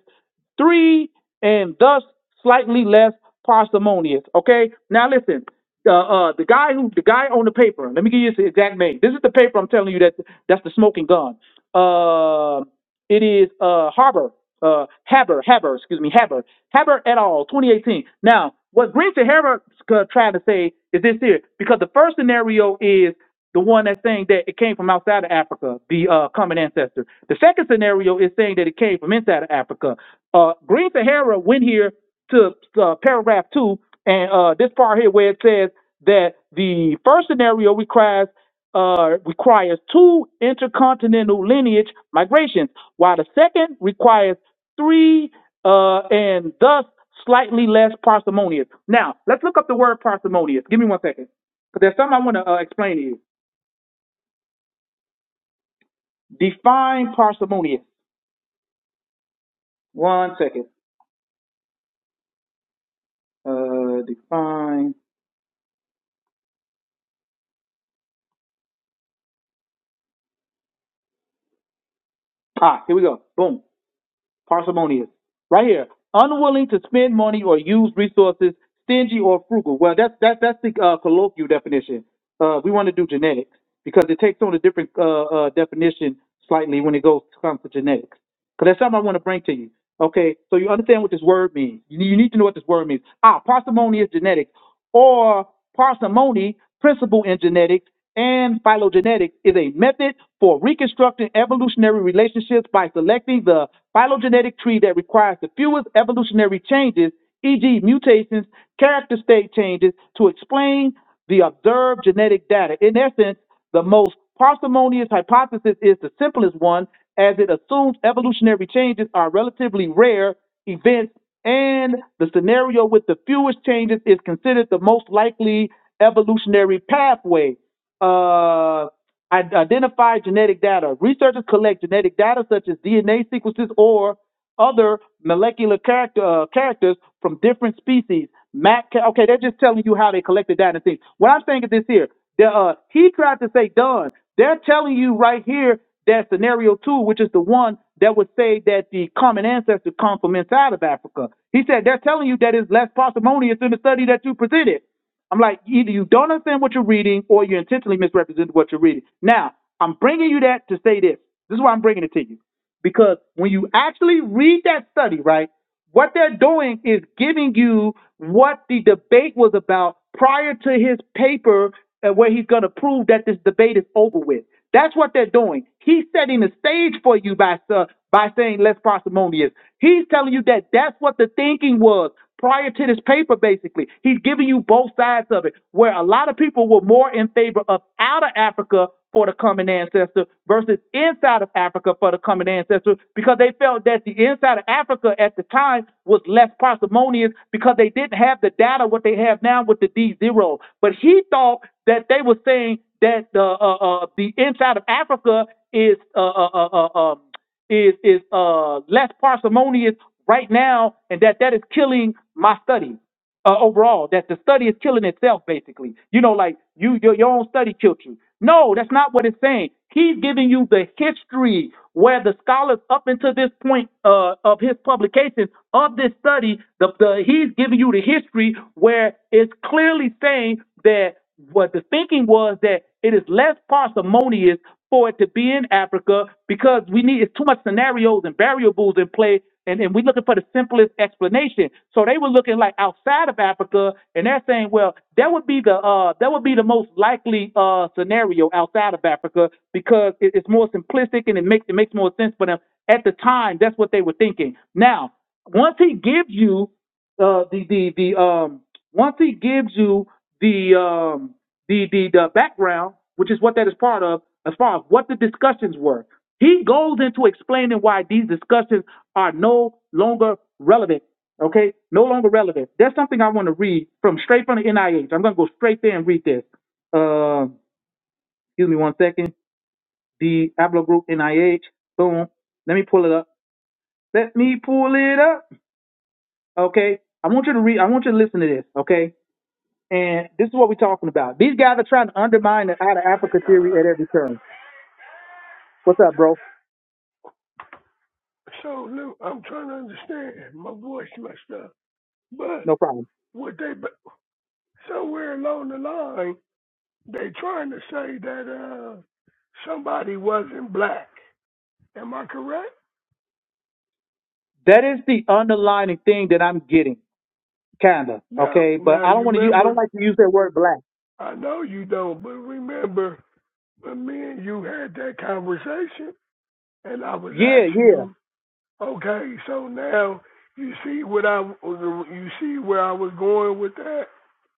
three, and thus slightly less parsimonious. Okay, now listen. Uh, uh, the guy who, the guy on the paper. Let me give you the exact name. This is the paper I'm telling you that that's the smoking gun. Uh, it is uh Harbor, uh Haber, Haber, excuse me, Haber, Haber et al. 2018. Now, what Green to Haber tried to say is this here, because the first scenario is. The one that's saying that it came from outside of Africa, the uh, common ancestor. The second scenario is saying that it came from inside of Africa. Uh, Green Sahara went here to uh, paragraph two, and uh, this part here where it says that the first scenario requires uh, requires two intercontinental lineage migrations, while the second requires three uh, and thus slightly less parsimonious. Now, let's look up the word parsimonious. Give me one second. Because there's something I want to uh, explain to you. Define parsimonious. One second. Uh, define. Ah, here we go. Boom. Parsimonious. Right here. Unwilling to spend money or use resources, stingy or frugal. Well, that's that's that's the uh, colloquial definition. Uh, we want to do genetics because it takes on a different uh, uh, definition slightly when it goes comes to genetics. Because there's something I want to bring to you. Okay, so you understand what this word means. You need, you need to know what this word means. Ah, parsimony is genetics, or parsimony, principle in genetics and phylogenetics, is a method for reconstructing evolutionary relationships by selecting the phylogenetic tree that requires the fewest evolutionary changes, e.g., mutations, character state changes, to explain the observed genetic data. In essence, the most parsimonious hypothesis is the simplest one, as it assumes evolutionary changes are relatively rare events, and the scenario with the fewest changes is considered the most likely evolutionary pathway. Uh, Id- Identify genetic data. Researchers collect genetic data such as DNA sequences or other molecular character uh, characters from different species. Matt, okay, they're just telling you how they collected data and things. What I'm saying is this here. The, uh, he tried to say done. They're telling you right here that scenario two, which is the one that would say that the common ancestor comes from inside of Africa. He said they're telling you that it's less parsimonious in the study that you presented. I'm like, either you don't understand what you're reading or you intentionally misrepresent what you're reading. Now, I'm bringing you that to say this. This is why I'm bringing it to you. Because when you actually read that study, right, what they're doing is giving you what the debate was about prior to his paper uh, where he's going to prove that this debate is over with. That's what they're doing. He's setting the stage for you by uh, by saying less parsimonious. He's telling you that that's what the thinking was prior to this paper. Basically, he's giving you both sides of it, where a lot of people were more in favor of out of Africa for the common ancestor versus inside of Africa for the common ancestor because they felt that the inside of Africa at the time was less parsimonious because they didn't have the data what they have now with the D zero. But he thought that they were saying that the uh, uh, the inside of Africa is uh, uh, uh, uh, um, is is uh, less parsimonious right now, and that that is killing my study uh, overall. That the study is killing itself, basically. You know, like you your, your own study killed you. No, that's not what it's saying. He's giving you the history where the scholars up until this point uh, of his publication of this study, the, the he's giving you the history where it's clearly saying that what the thinking was that it is less parsimonious for it to be in Africa because we need it's too much scenarios and variables in play and, and we're looking for the simplest explanation. So they were looking like outside of Africa and they're saying, well, that would be the uh that would be the most likely uh scenario outside of Africa because it, it's more simplistic and it makes it makes more sense for them. At the time, that's what they were thinking. Now, once he gives you uh, the the the um once he gives you the um the the the background, which is what that is part of, as far as what the discussions were, he goes into explaining why these discussions are no longer relevant. Okay, no longer relevant. There's something I want to read from straight from the NIH. I'm gonna go straight there and read this. Um, excuse me one second. The Ablo Group NIH. Boom. Let me pull it up. Let me pull it up. Okay. I want you to read. I want you to listen to this. Okay And this is what we're talking about. These guys are trying to undermine the out of Africa Like theory uh, at every turn. What's up, bro? so look, I'm trying to understand. My voice messed up, but No problem. what they ba- somewhere along the line they trying to say that uh somebody wasn't black. Am I correct? That is the underlining thing that I'm getting, kinda. Now, Okay, but now I don't you want to use. I don't remember, like to use that word black. I know you don't, but remember when me and you had that conversation and I was Yeah, asking yeah, you, okay, so now you see what I, you see where I was going with that?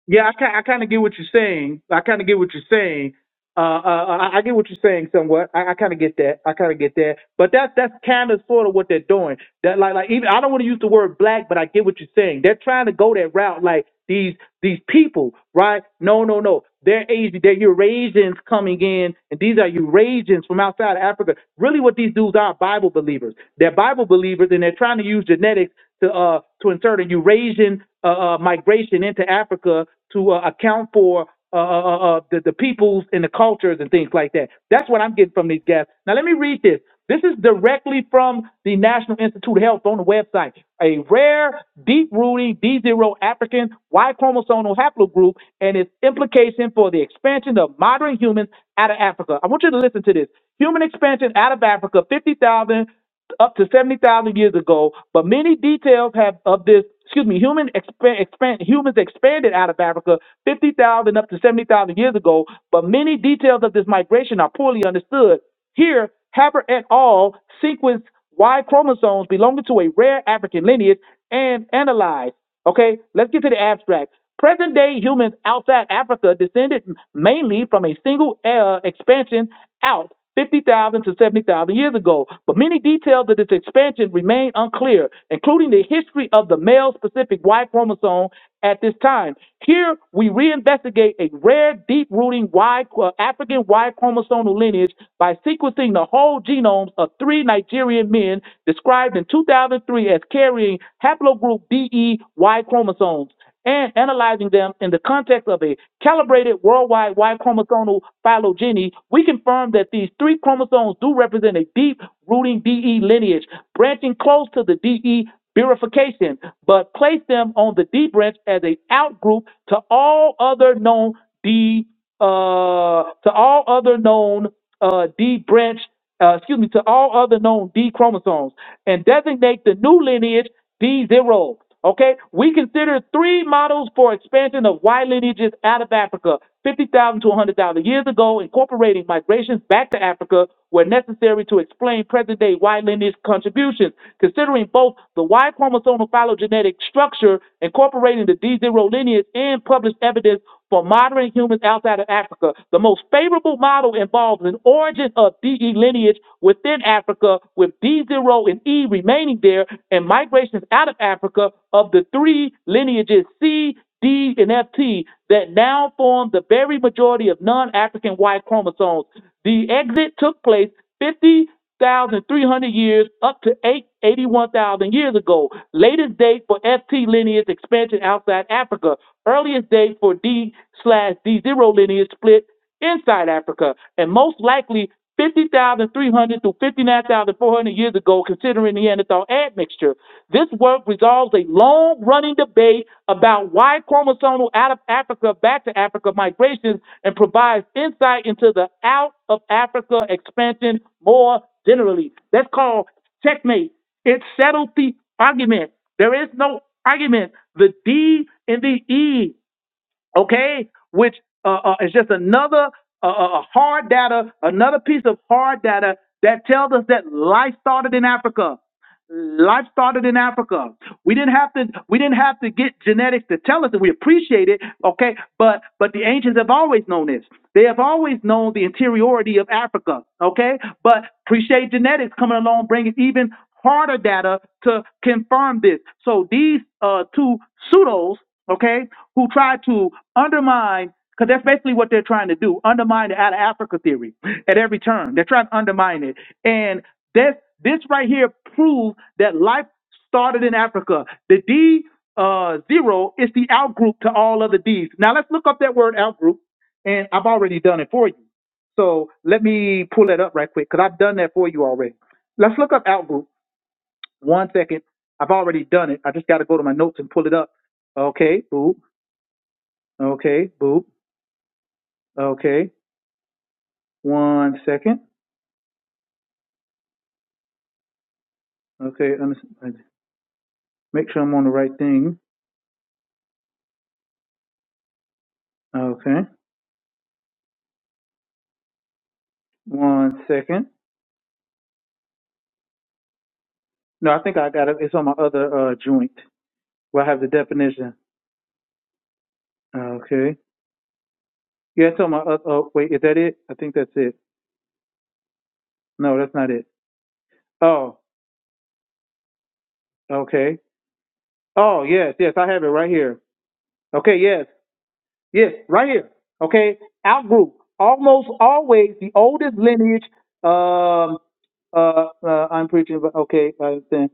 yeah. I kind I kind of get what you're saying. I kind of get what you're saying. Uh, I, I I get what you're saying somewhat. I, I kind of get that. I kind of get that. But that that's kind of sort of what they're doing. That like like even I don't want to use the word black, but I get what you're saying. They're trying to go that route. Like these these people, right? No, no, no. They're Asian. They're Eurasians coming in, and these are Eurasians from outside of Africa. Really, what these dudes are Bible believers. They're Bible believers, and they're trying to use genetics to uh to insert a Eurasian uh, uh migration into Africa to uh, account for uh, uh, uh, uh, the, the peoples and the cultures and things like that. That's what I'm getting from these guys. Now, let me read this. This is directly from the National Institute of Health on the website. A rare, deep rooting D0 African Y chromosomal haplogroup and its implication for the expansion of modern humans out of Africa. I want you to listen to this. Human expansion out of Africa, 50,000 up to 70,000 years ago, but many details have of this, excuse me, human expan expand, humans expanded out of Africa 50,000 up to 70,000 years ago, but many details of this migration are poorly understood. Here, Haber et al. sequenced Y chromosomes belonging to a rare African lineage and analyzed. Okay, let's get to the abstract. Present day humans outside Africa descended mainly from a single uh, expansion out 50,000 to 70,000 years ago, but many details of this expansion remain unclear, including the history of the male specific Y chromosome at this time. Here we reinvestigate a rare deep rooting Y uh, African Y chromosomal lineage by sequencing the whole genomes of three Nigerian men described in 2003 three as carrying haplogroup BEY chromosomes and analyzing them in the context of a calibrated worldwide Y chromosomal phylogeny, we confirm that these three chromosomes do represent a deep rooting DE lineage, branching close to the DE bifurcation, but place them on the D branch as an outgroup to all other known D uh, to all other known uh, D branch uh, excuse me, to all other known D chromosomes and designate the new lineage D0. Okay, we consider three models for expansion of Y lineages out of Africa 50,000 to 100,000 years ago, incorporating migrations back to Africa where necessary to explain present day Y lineage contributions. Considering both the Y chromosomal phylogenetic structure, incorporating the D0 lineage, and published evidence for modern humans outside of Africa. The most favorable model involves an origin of DE lineage within Africa, with D0 and E remaining there, and migrations out of Africa of the three lineages C, D, and FT that now form the very majority of non African Y chromosomes. The exit took place 50. 6,300 years up to eight eighty-one thousand years ago. Latest date for FT lineage expansion outside Africa. Earliest date for D slash D0 lineage split inside Africa. And most likely 50,300 to 59,400 years ago, considering Neanderthal admixture. This work resolves a long running debate about why chromosomal out of Africa back to Africa migrations and provides insight into the out of Africa expansion more generally. That's called checkmate. It settled the argument. There is no argument. The D and the E okay, which uh, uh, is just another uh, uh, hard data, another piece of hard data that tells us that life started in Africa. Life started in Africa. We didn't have to. We didn't have to get genetics to tell us that we appreciate it, okay? But but the ancients have always known this. They have always known the interiority of Africa, okay? But appreciate genetics coming along, bringing even harder data to confirm this. So these uh, two pseudos okay, who tried to undermine, because that's basically what they're trying to do, undermine the out of Africa theory at every turn. They're trying to undermine it. And this, this right here proves that life started in Africa. The D uh, zero is the outgroup to all other Ds. Now let's look up that word outgroup, and I've already done it for you. So let me pull that up right quick, because I've done that for you already. Let's look up outgroup. One second. I've already done it. I just got to go to my notes and pull it up. Okay, boom. Okay, boop. Okay, one second. Okay, make sure I'm on the right thing. Okay, one second. No, I think I got it. It's on my other uh, joint where I have the definition. Okay. Yeah, it's on my other. Oh, wait, is that it? I think that's it. No, that's not it. Oh, okay. Oh, yes, yes, I have it right here. Okay, yes, yes, right here. Okay, outgroup. Almost always the oldest lineage. Um, uh, uh I'm preaching, but okay, I understand.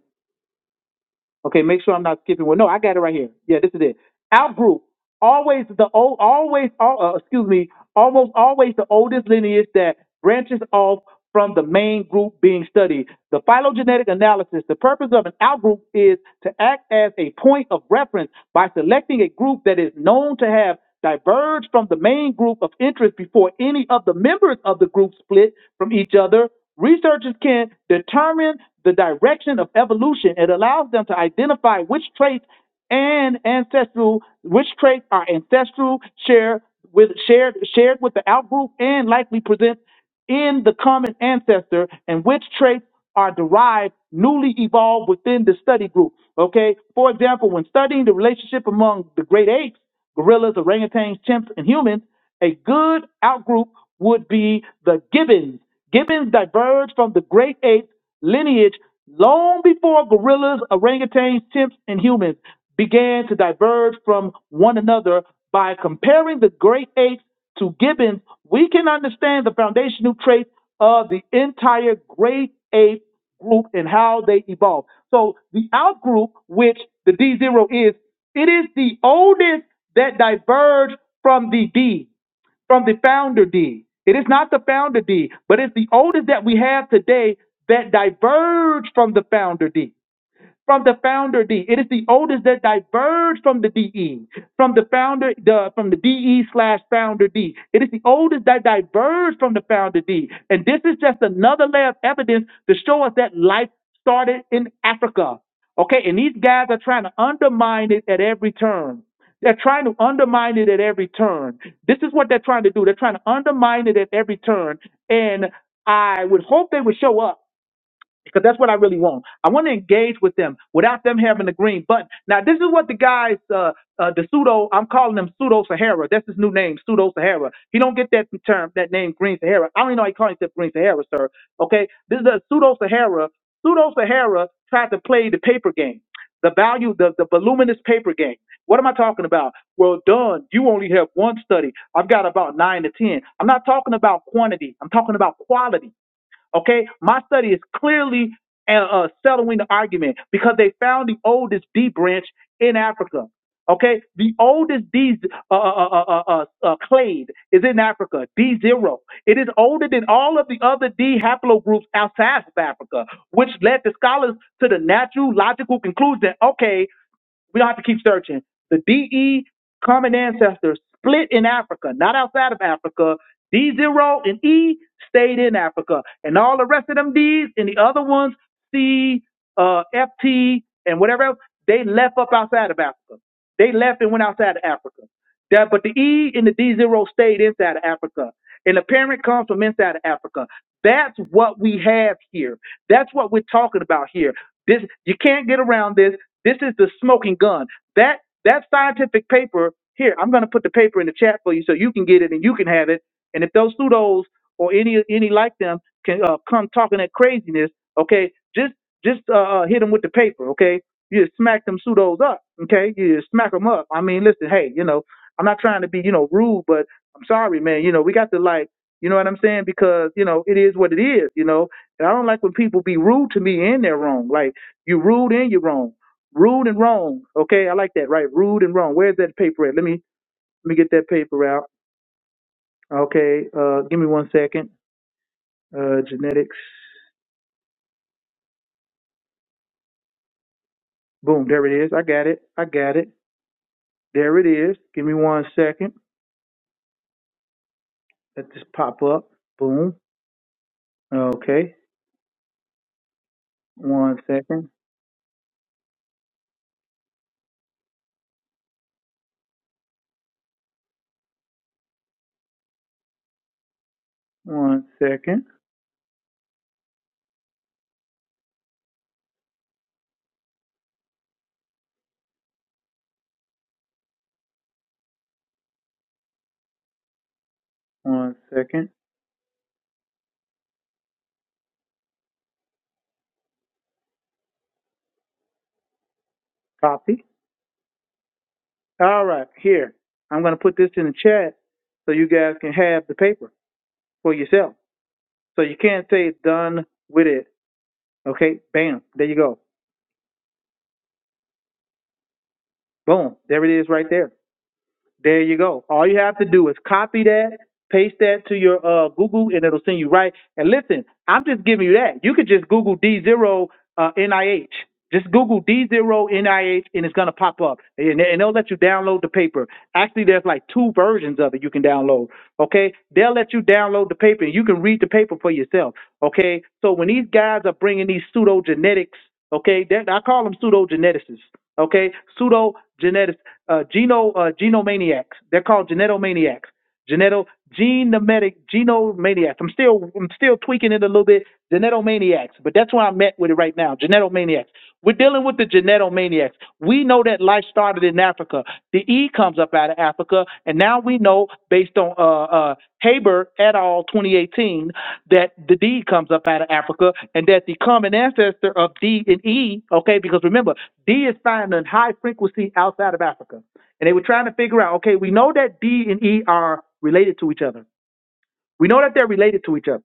Okay, make sure I'm not skipping one. No, I got it right here. Yeah, this is it. Outgroup. Always the old, always, al- uh, excuse me, almost always the oldest lineage that branches off from the main group being studied. The phylogenetic analysis. The purpose of an outgroup is to act as a point of reference by selecting a group that is known to have diverge from the main group of interest before any of the members of the group split from each other, researchers can determine the direction of evolution. It allows them to identify which traits and ancestral, which traits are ancestral, share with shared shared with the outgroup, and likely present in the common ancestor and which traits are derived, newly evolved within the study group. Okay, for example, when studying the relationship among the great apes, gorillas, orangutans, chimps, and humans, a good outgroup would be the gibbons. Gibbons diverged from the great ape lineage long before gorillas, orangutans, chimps, and humans began to diverge from one another by comparing the great apes to Gibbons, we can understand the foundational traits of the entire grade A group and how they evolve. So the out group, which the D0 is, it is the oldest that diverged from the D, from the founder D. It is not the founder D, but it's the oldest that we have today that diverged from the founder D from the founder D. It is the oldest that diverged from the DE, from the founder, the from the DE slash founder D. It is the oldest that diverged from the founder D. And this is just another layer of evidence to show us that life started in Africa. Okay, and these guys are trying to undermine it at every turn. They're trying to undermine it at every turn. This is what they're trying to do. They're trying to undermine it at every turn. And I would hope they would show up because that's what I really want. I want to engage with them without them having the green button. Now, this is what the guys, uh, uh, the pseudo, I'm calling him pseudo Sahara. That's his new name, pseudo Sahara. He don't get that term, that name, green Sahara. I don't even know how he calls himself green Sahara, sir. Okay, this is a pseudo Sahara. Pseudo Sahara tried to play the paper game. The value, the, the voluminous paper game. What am I talking about? Well, done. You only have one study. I've got about nine to ten. I'm not talking about quantity. I'm talking about quality. Okay, my study is clearly uh, uh, settling the argument because they found the oldest D branch in Africa. Okay, the oldest D uh, uh, uh, uh, uh, uh, uh, clade is in Africa, D0. It is older than all of the other D haplogroups outside of Africa, which led the scholars to the natural, logical conclusion that, okay, we don't have to keep searching. The DE common ancestors split in Africa, not outside of Africa. D0 and E stayed in Africa. And all the rest of them Ds and the other ones, C, uh, FT, and whatever else, they left up outside of Africa. They left and went outside of Africa. That, but the E and the D0 stayed inside of Africa. And the parent comes from inside of Africa. That's what we have here. That's what we're talking about here. This you can't get around this. This is the smoking gun. That that scientific paper here. I'm going to put the paper in the chat for you so you can get it and you can have it. And if those pseudos or any any like them can uh, come talking that craziness, okay, just just uh, uh, hit them with the paper, okay. You just smack them pseudos up, okay? You just smack them up. I mean, listen, hey, you know. I'm not trying to be, you know, rude, but I'm sorry, man. You know, we got to like, you know what I'm saying? Because, you know, it is what it is, you know. And I don't like when people be rude to me and they're wrong. Like, you rude and you're wrong. Rude and wrong. Okay, I like that, right? Rude and wrong. Where's that paper at? Let me let me get that paper out. Okay, uh give me one second. Uh genetics. Boom, there it is. I got it. I got it. There it is. Give me one second. Let this pop up. Boom. Okay. One second. One second. One second. Copy. All right, here. I'm going to put this in the chat so you guys can have the paper for yourself. So you can't say done with it. Okay, bam. There you go. Boom. There it is right there. There you go. All you have to do is copy that, paste that to your uh, Google, and it'll send you right. And listen, I'm just giving you that. You could just Google D0 uh, NIH. Just Google D0 NIH, and it's going to pop up. And, and they'll let you download the paper. Actually, there's like two versions of it you can download. Okay? They'll let you download the paper, and you can read the paper for yourself. Okay? So when these guys are bringing these pseudo genetics, okay, that, I call them pseudo geneticists. Okay? Pseudo genetics, uh, geno, uh, genomaniacs. They're called genetomaniacs. Geneto, genometic, genomaniacs. I'm still, I'm still tweaking it a little bit. Genetomaniacs, but that's where I'm at with it right now. Genetomaniacs. We're dealing with the genetomaniacs. We know that life started in Africa. Africa. The E comes up out of Africa, and now we know, based on uh, uh, Haber et al. 2018, that the D comes up out of Africa, and that the common ancestor of D and E, okay, because remember, D is found in high frequency outside of Africa, and they were trying to figure out, okay, we know that D and E are related to each other. We know that they're related to each other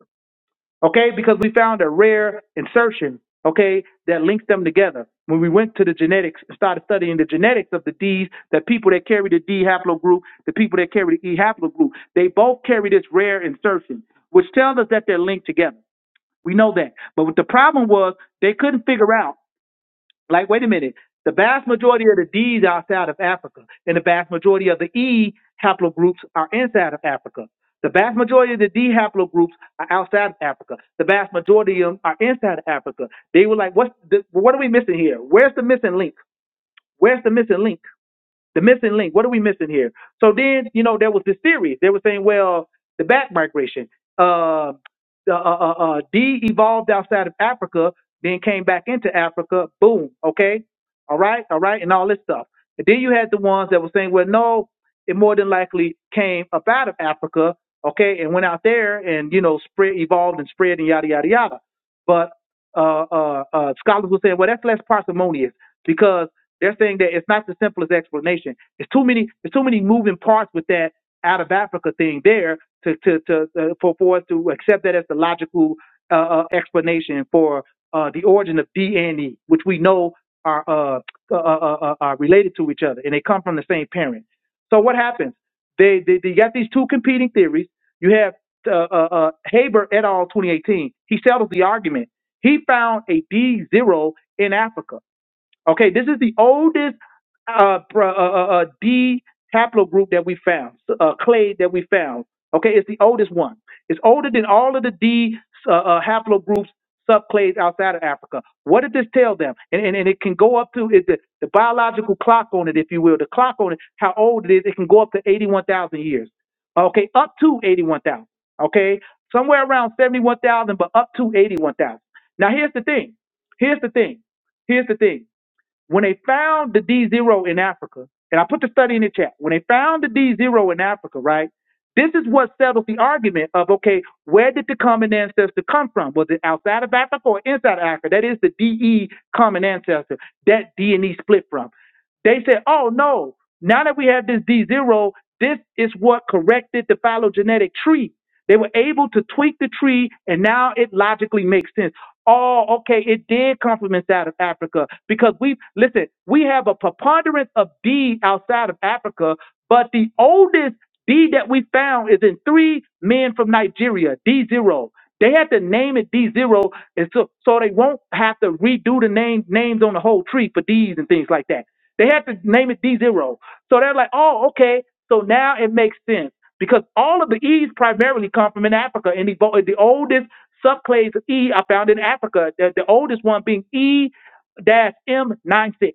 okay? Because we found a rare insertion, okay, that links them together. When we went to the genetics and started studying the genetics of the Ds, the people that carry the D haplogroup, the people that carry the E haplogroup, they both carry this rare insertion, which tells us that they're linked together. We know that. But what the problem was, they couldn't figure out. Like, wait a minute. The vast majority of the D's are outside of Africa, and the vast majority of the E haplogroups are inside of Africa. The vast majority of the D haplogroups are outside of Africa. The vast majority of them are inside of Africa. They were like, "What's the, what are we missing here? Where's the missing link? Where's the missing link?" The missing link. What are we missing here? So then, you know, there was this theory. They were saying, well, the back migration. Uh, uh, uh, uh, uh, evolved outside of Africa, then came back into Africa. Boom. Okay. All right. All right. And all this stuff. And then you had the ones that were saying, well, no, it more than likely came up out of Africa. Okay. And went out there and, you know, spread, evolved and spread and yada, yada, yada. But uh, uh, uh, scholars will say, well, that's less parsimonious because they're saying that it's not the simplest explanation. It's too many. It's too many moving parts with that out of Africa thing there to to to uh, for for us to accept that as the logical uh, uh, explanation for uh, the origin of DNE, which we know are uh, uh, uh, uh, uh, are related to each other and they come from the same parent. So what happens? They they, they got these two competing theories. You have uh, uh, uh, Haber et al. 2018. He settled the argument. He found a D zero in Africa. Okay, this is the oldest uh, pro- uh, uh, uh, D haplogroup that we found, uh, clade that we found. Okay, it's the oldest one. It's older than all of the D uh, uh, haplogroups subclades outside of Africa. What did this tell them? And and, and it can go up to it, the, the biological clock on it, if you will, the clock on it, how old it is, it can go up to 81,000 years. Okay, up to 81,000. Okay, somewhere around 71,000, but up to 81,000. Now, here's the thing. Here's the thing. Here's the thing. When they found the D0 in Africa, and I put the study in the chat, when they found the D0 in Africa, right? This is what settled the argument of okay, where did the common ancestor come from? Was it outside of Africa or inside of Africa? That is the DE common ancestor that D and E split from. They said, oh no, now that we have this D0, this is what corrected the phylogenetic tree. They were able to tweak the tree, and now it logically makes sense. Oh, okay. It did come from inside of Africa because we listen. We have a preponderance of D outside of Africa, but the oldest D that we found is in three men from Nigeria. D zero. They had to name it D zero, and so so they won't have to redo the name names on the whole tree for D's and things like that. They had to name it D zero. So they're like, oh, okay. So now it makes sense because all of the E's primarily come from in Africa, and the, the oldest Subclades of E are found in Africa, the, the oldest one being E-M96.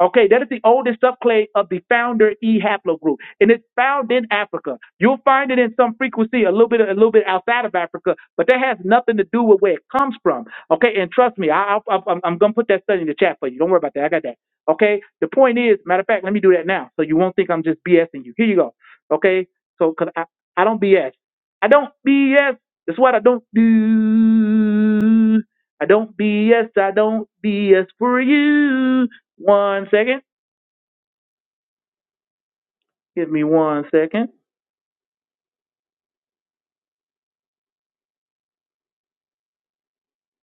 Okay, that is the oldest subclade of the founder E haplogroup, and it's found in Africa. You'll find it in some frequency, a little bit, a little bit outside of Africa, but that has nothing to do with where it comes from. Okay, and trust me, I, I, I am I'm gonna put that study in the chat for you. Don't worry about that. I got that. Okay. The point is, matter of fact, let me do that now, so you won't think I'm just BSing you. Here you go. Okay. So, cause I, I don't BS. I don't BS. That's what I don't do. I don't BS. I don't BS for you. One second. Give me one second.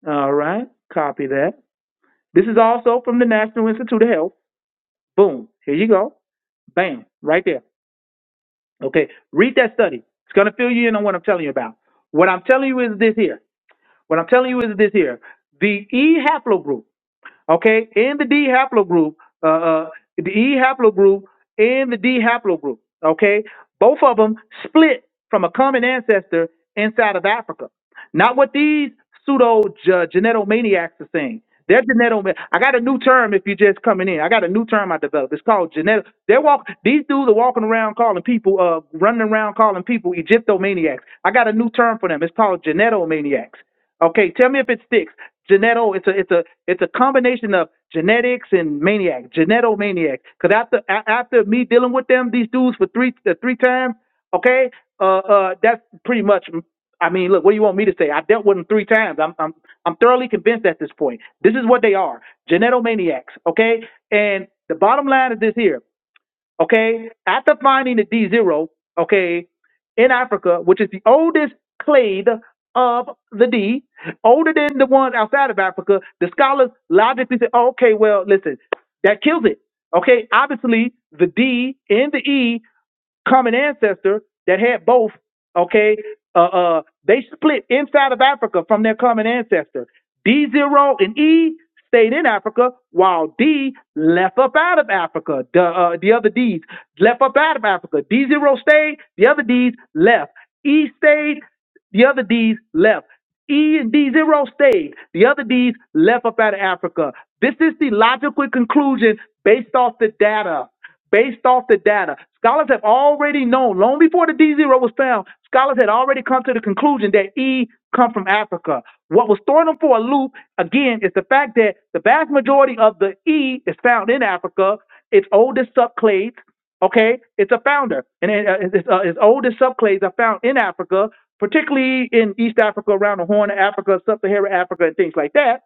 All right. Copy that. This is also from the National Institute of Health. Boom. Here you go. Bam. Right there. Okay. Read that study. It's going to fill you in on what I'm telling you about. What I'm telling you is this here. What I'm telling you is this here. The E haplogroup. okay, in the D haplogroup, uh, uh, the E haplogroup and the D haplogroup, okay, both of them split from a common ancestor inside of Africa. Not what these pseudo ge- genetomaniacs are saying. They're genetom. I got a new term if you're just coming in. I got a new term I developed. It's called genetic. They're walk. These dudes are walking around calling people, uh, running around calling people Egyptomaniacs. I got a new term for them. It's called genetomaniacs. Okay, tell me if it sticks. Geneto, it's a it's a it's a combination of genetics and maniac, genetomaniac. Cause after a- after me dealing with them, these dudes for three uh, three times, okay, uh uh, that's pretty much. I mean, look, what do you want me to say? I dealt with them three times. I'm I'm I'm thoroughly convinced at this point. This is what they are, genetomaniacs, okay. And the bottom line is this here okay, after finding the D0, okay, in Africa, which is the oldest clade of the D, older than the ones outside of Africa, the scholars logically say, oh, okay, well, listen, that kills it. Okay, obviously the D and the E common ancestor that had both, okay, uh, uh, they split inside of Africa from their common ancestor. D0 and E stayed in Africa while D left up out of Africa. The, uh, the other D's left up out of Africa. D0 stayed, the other D's left. E stayed, the other D's left. E and D zero stayed. The other D's left up out of Africa. This is the logical conclusion based off the data. Based off the data. Scholars have already known, long before the D zero was found, scholars had already come to the conclusion that E come from Africa. What was throwing them for a loop, again, is the fact that the vast majority of the E is found in Africa. It's oldest subclades. Okay, it's a founder, and it, uh, it's, uh, its oldest subclades are found in Africa, particularly in East Africa, around the Horn of Africa, Sub-Saharan Africa, and things like that.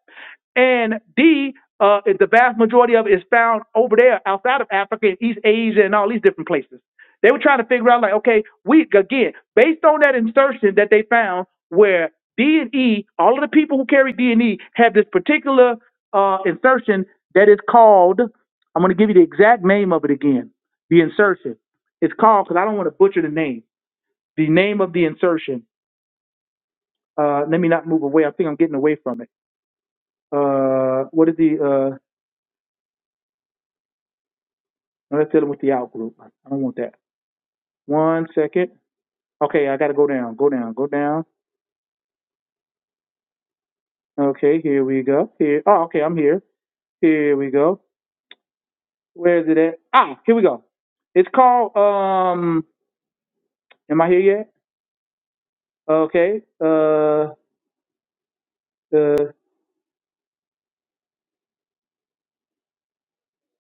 And D, uh, is the vast majority of it is found over there, outside of Africa, in East Asia, and all these different places. They were trying to figure out, like, okay, we again, based on that insertion that they found, where D and E, all of the people who carry D and E have this particular uh, insertion that is called. I'm going to give you the exact name of it again. The insertion. It's called because I don't want to butcher the name. The name of the insertion. Uh, let me not move away. I think I'm getting away from it. Uh, what is the? Uh, no, let's deal with the out group. I don't want that. One second. Okay, I got to go down. Go down. Go down. Okay, here we go. Here. Oh, okay, I'm here. Here we go. Where is it at? Ah, here we go. It's called. Um, am I here yet? Okay. Uh, uh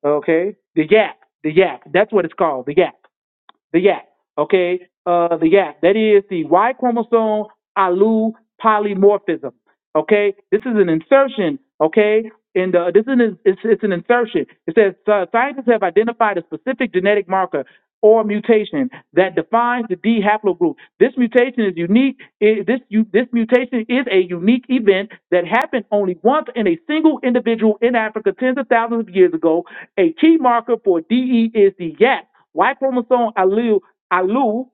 okay. The Yap. The Yap. That's what it's called. The Yap. the yak. Okay, uh, the yak. That is the Y chromosome alu polymorphism. Okay, this is an insertion. Okay, and uh, this is an, it's, it's an insertion. It says uh, scientists have identified a specific genetic marker or mutation that defines the D haplogroup. This mutation is unique. i- This u- this mutation is a unique event that happened only once in a single individual in Africa tens of thousands of years ago. A key marker for DE is the YAP, Y chromosome allele, allele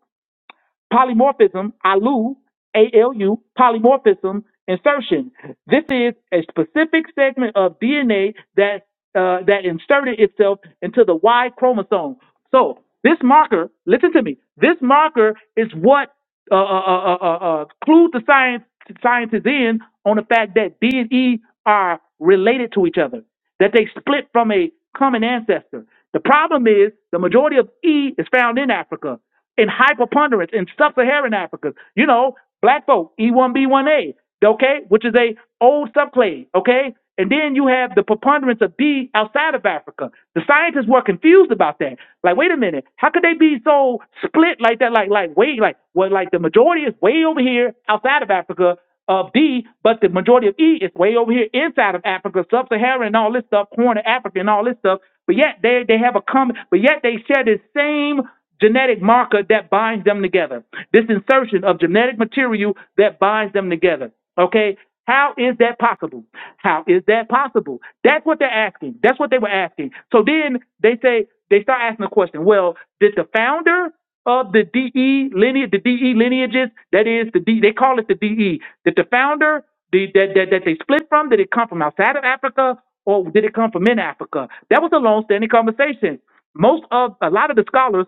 Polymorphism, ALU, A-L-U, polymorphism insertion. This is a specific segment of DNA that uh, that inserted itself into the Y chromosome. So this marker, listen to me, this marker is what uh, uh, uh, uh, uh, uh, clued the science scientists in on the fact that D and E are related to each other, that they split from a common ancestor. The problem is the majority of E is found in Africa in high preponderance in sub-Saharan Africa. You know, black folk, E1B1A, okay, which is a old subclade, okay? And then you have the preponderance of B outside of Africa. The scientists were confused about that. Like, wait a minute, how could they be so split like that? Like, like, wait, like, well, like the majority is way over here outside of Africa of D, but the majority of E is way over here inside of Africa, sub-Saharan and all this stuff, Horn of Africa and all this stuff. But yet they they have a common, but yet they share the same genetic marker that binds them together. This insertion of genetic material that binds them together. Okay? How is that possible? How is that possible? That's what they're asking. That's what they were asking. So then they say they start asking the question, well, did the founder of the DE lineage, the DE lineages, that is the D, they call it the DE, did the founder the, that, that that they split from, did it come from outside of Africa or did it come from in Africa? That was a long standing conversation most of a lot of the scholars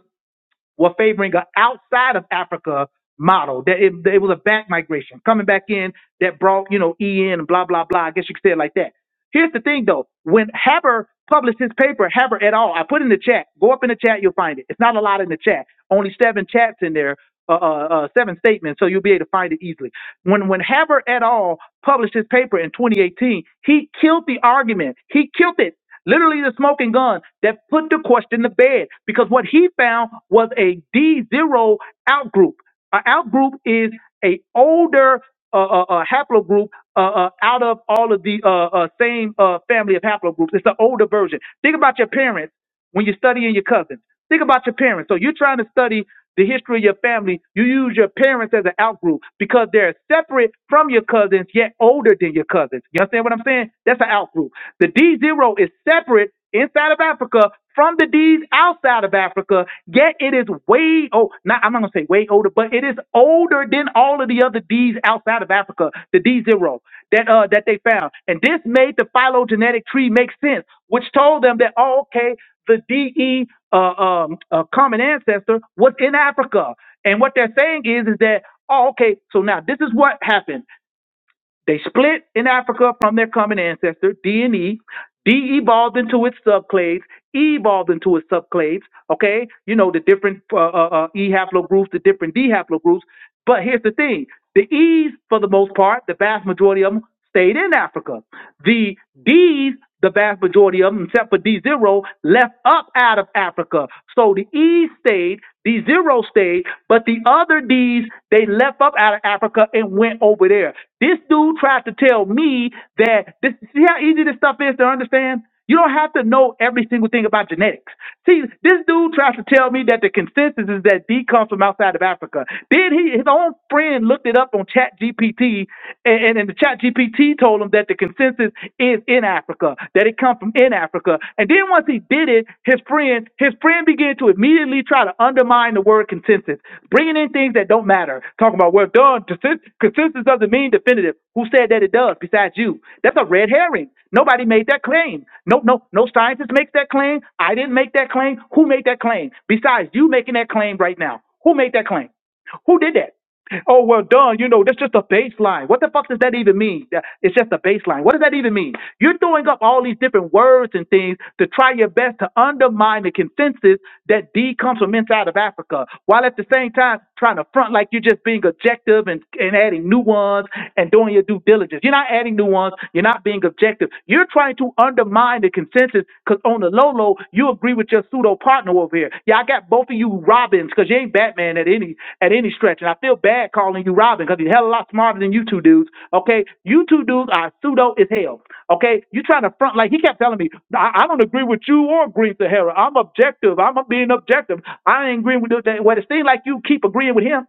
were favoring an outside of Africa model. That it, that it was a back migration coming back in that brought you know EN and blah blah blah. I guess you could say it like that. Here's the thing though: when Haber published his paper, Haber et al. I put in the chat. Go up in the chat, you'll find it. It's not a lot in the chat. Only seven chats in there. Uh, uh, uh, seven statements, so you'll be able to find it easily. When when Haber et al. published his paper in 2018, he killed the argument. He killed it literally the smoking gun that put the question to bed because what he found was a D0 outgroup. An outgroup is a older uh, uh, uh, haplogroup uh, uh, out of all of the uh, uh, same uh, family of haplogroups. It's the older version. Think about your parents when you're studying your cousins. Think about your parents. So you're trying to study the history of your family. You use your parents as an outgroup because they're separate from your cousins, yet older than your cousins. You understand what I'm saying? That's an outgroup. The D0 is separate inside of Africa from the D's outside of Africa, yet it is way oh not I'm not gonna say way older, but it is older than all of the other D's outside of Africa, the D zero that uh that they found. And this made the phylogenetic tree make sense, which told them that oh okay, the DE uh, um, uh common ancestor was in Africa. And what they're saying is is that oh okay, so now this is what happened. They split in Africa from their common ancestor, D and E. D E evolved into its subclades. E evolved into its subclades. Okay, you know the different uh, uh, uh, E haplogroups, the different D haplogroups. But here's the thing: the E's, for the most part, the vast majority of them stayed in Africa. The D's, the vast majority of them, except for D zero, left up out of Africa. So the E stayed, D zero stayed, but the other D's, they left up out of Africa and went over there. This dude tried to tell me that this see how easy this stuff is to understand? You don't have to know every single thing about genetics. See, this dude tries to tell me that the consensus is that D comes from outside of Africa. Then he, his own friend looked it up on Chat GPT, and, and, the Chat GPT told him that the consensus is in Africa, that it comes from in Africa. And then once he did it, his friend, his friend then begin to immediately try to undermine the word consensus, bringing in things that don't matter. Talking about, well, done, consensus, consensus doesn't mean definitive. Who said that it does besides you? That's a red herring. Nobody made that claim. No, no, no scientist makes that claim. I didn't make that claim. Who made that claim? Besides you making that claim right now. Who made that claim? Who did that? Oh, well done. You know, that's just a baseline. What the fuck does that even mean? That- It's just a baseline. What does that even mean? You're throwing up all these different words and things to try your best to undermine the consensus that D comes from inside of Africa, while at the same time trying to front like you're just being objective and, and adding new ones and doing your due diligence. You're not adding new ones. You're not being objective. You're trying to undermine the consensus because on the low low, you agree with your pseudo partner over here. Yeah, I got both of you Robins because you ain't Batman man at any at any stretch. And I feel bad calling you Robin because he's a hell of a lot smarter than you two dudes. Okay, you two dudes are pseudo as hell. Okay, you trying to front like he kept telling me. I, I don't agree with you or Green Sahara. I'm objective. I'm being objective. I ain't agreeing with that. Well, it seems like you keep agreeing with him.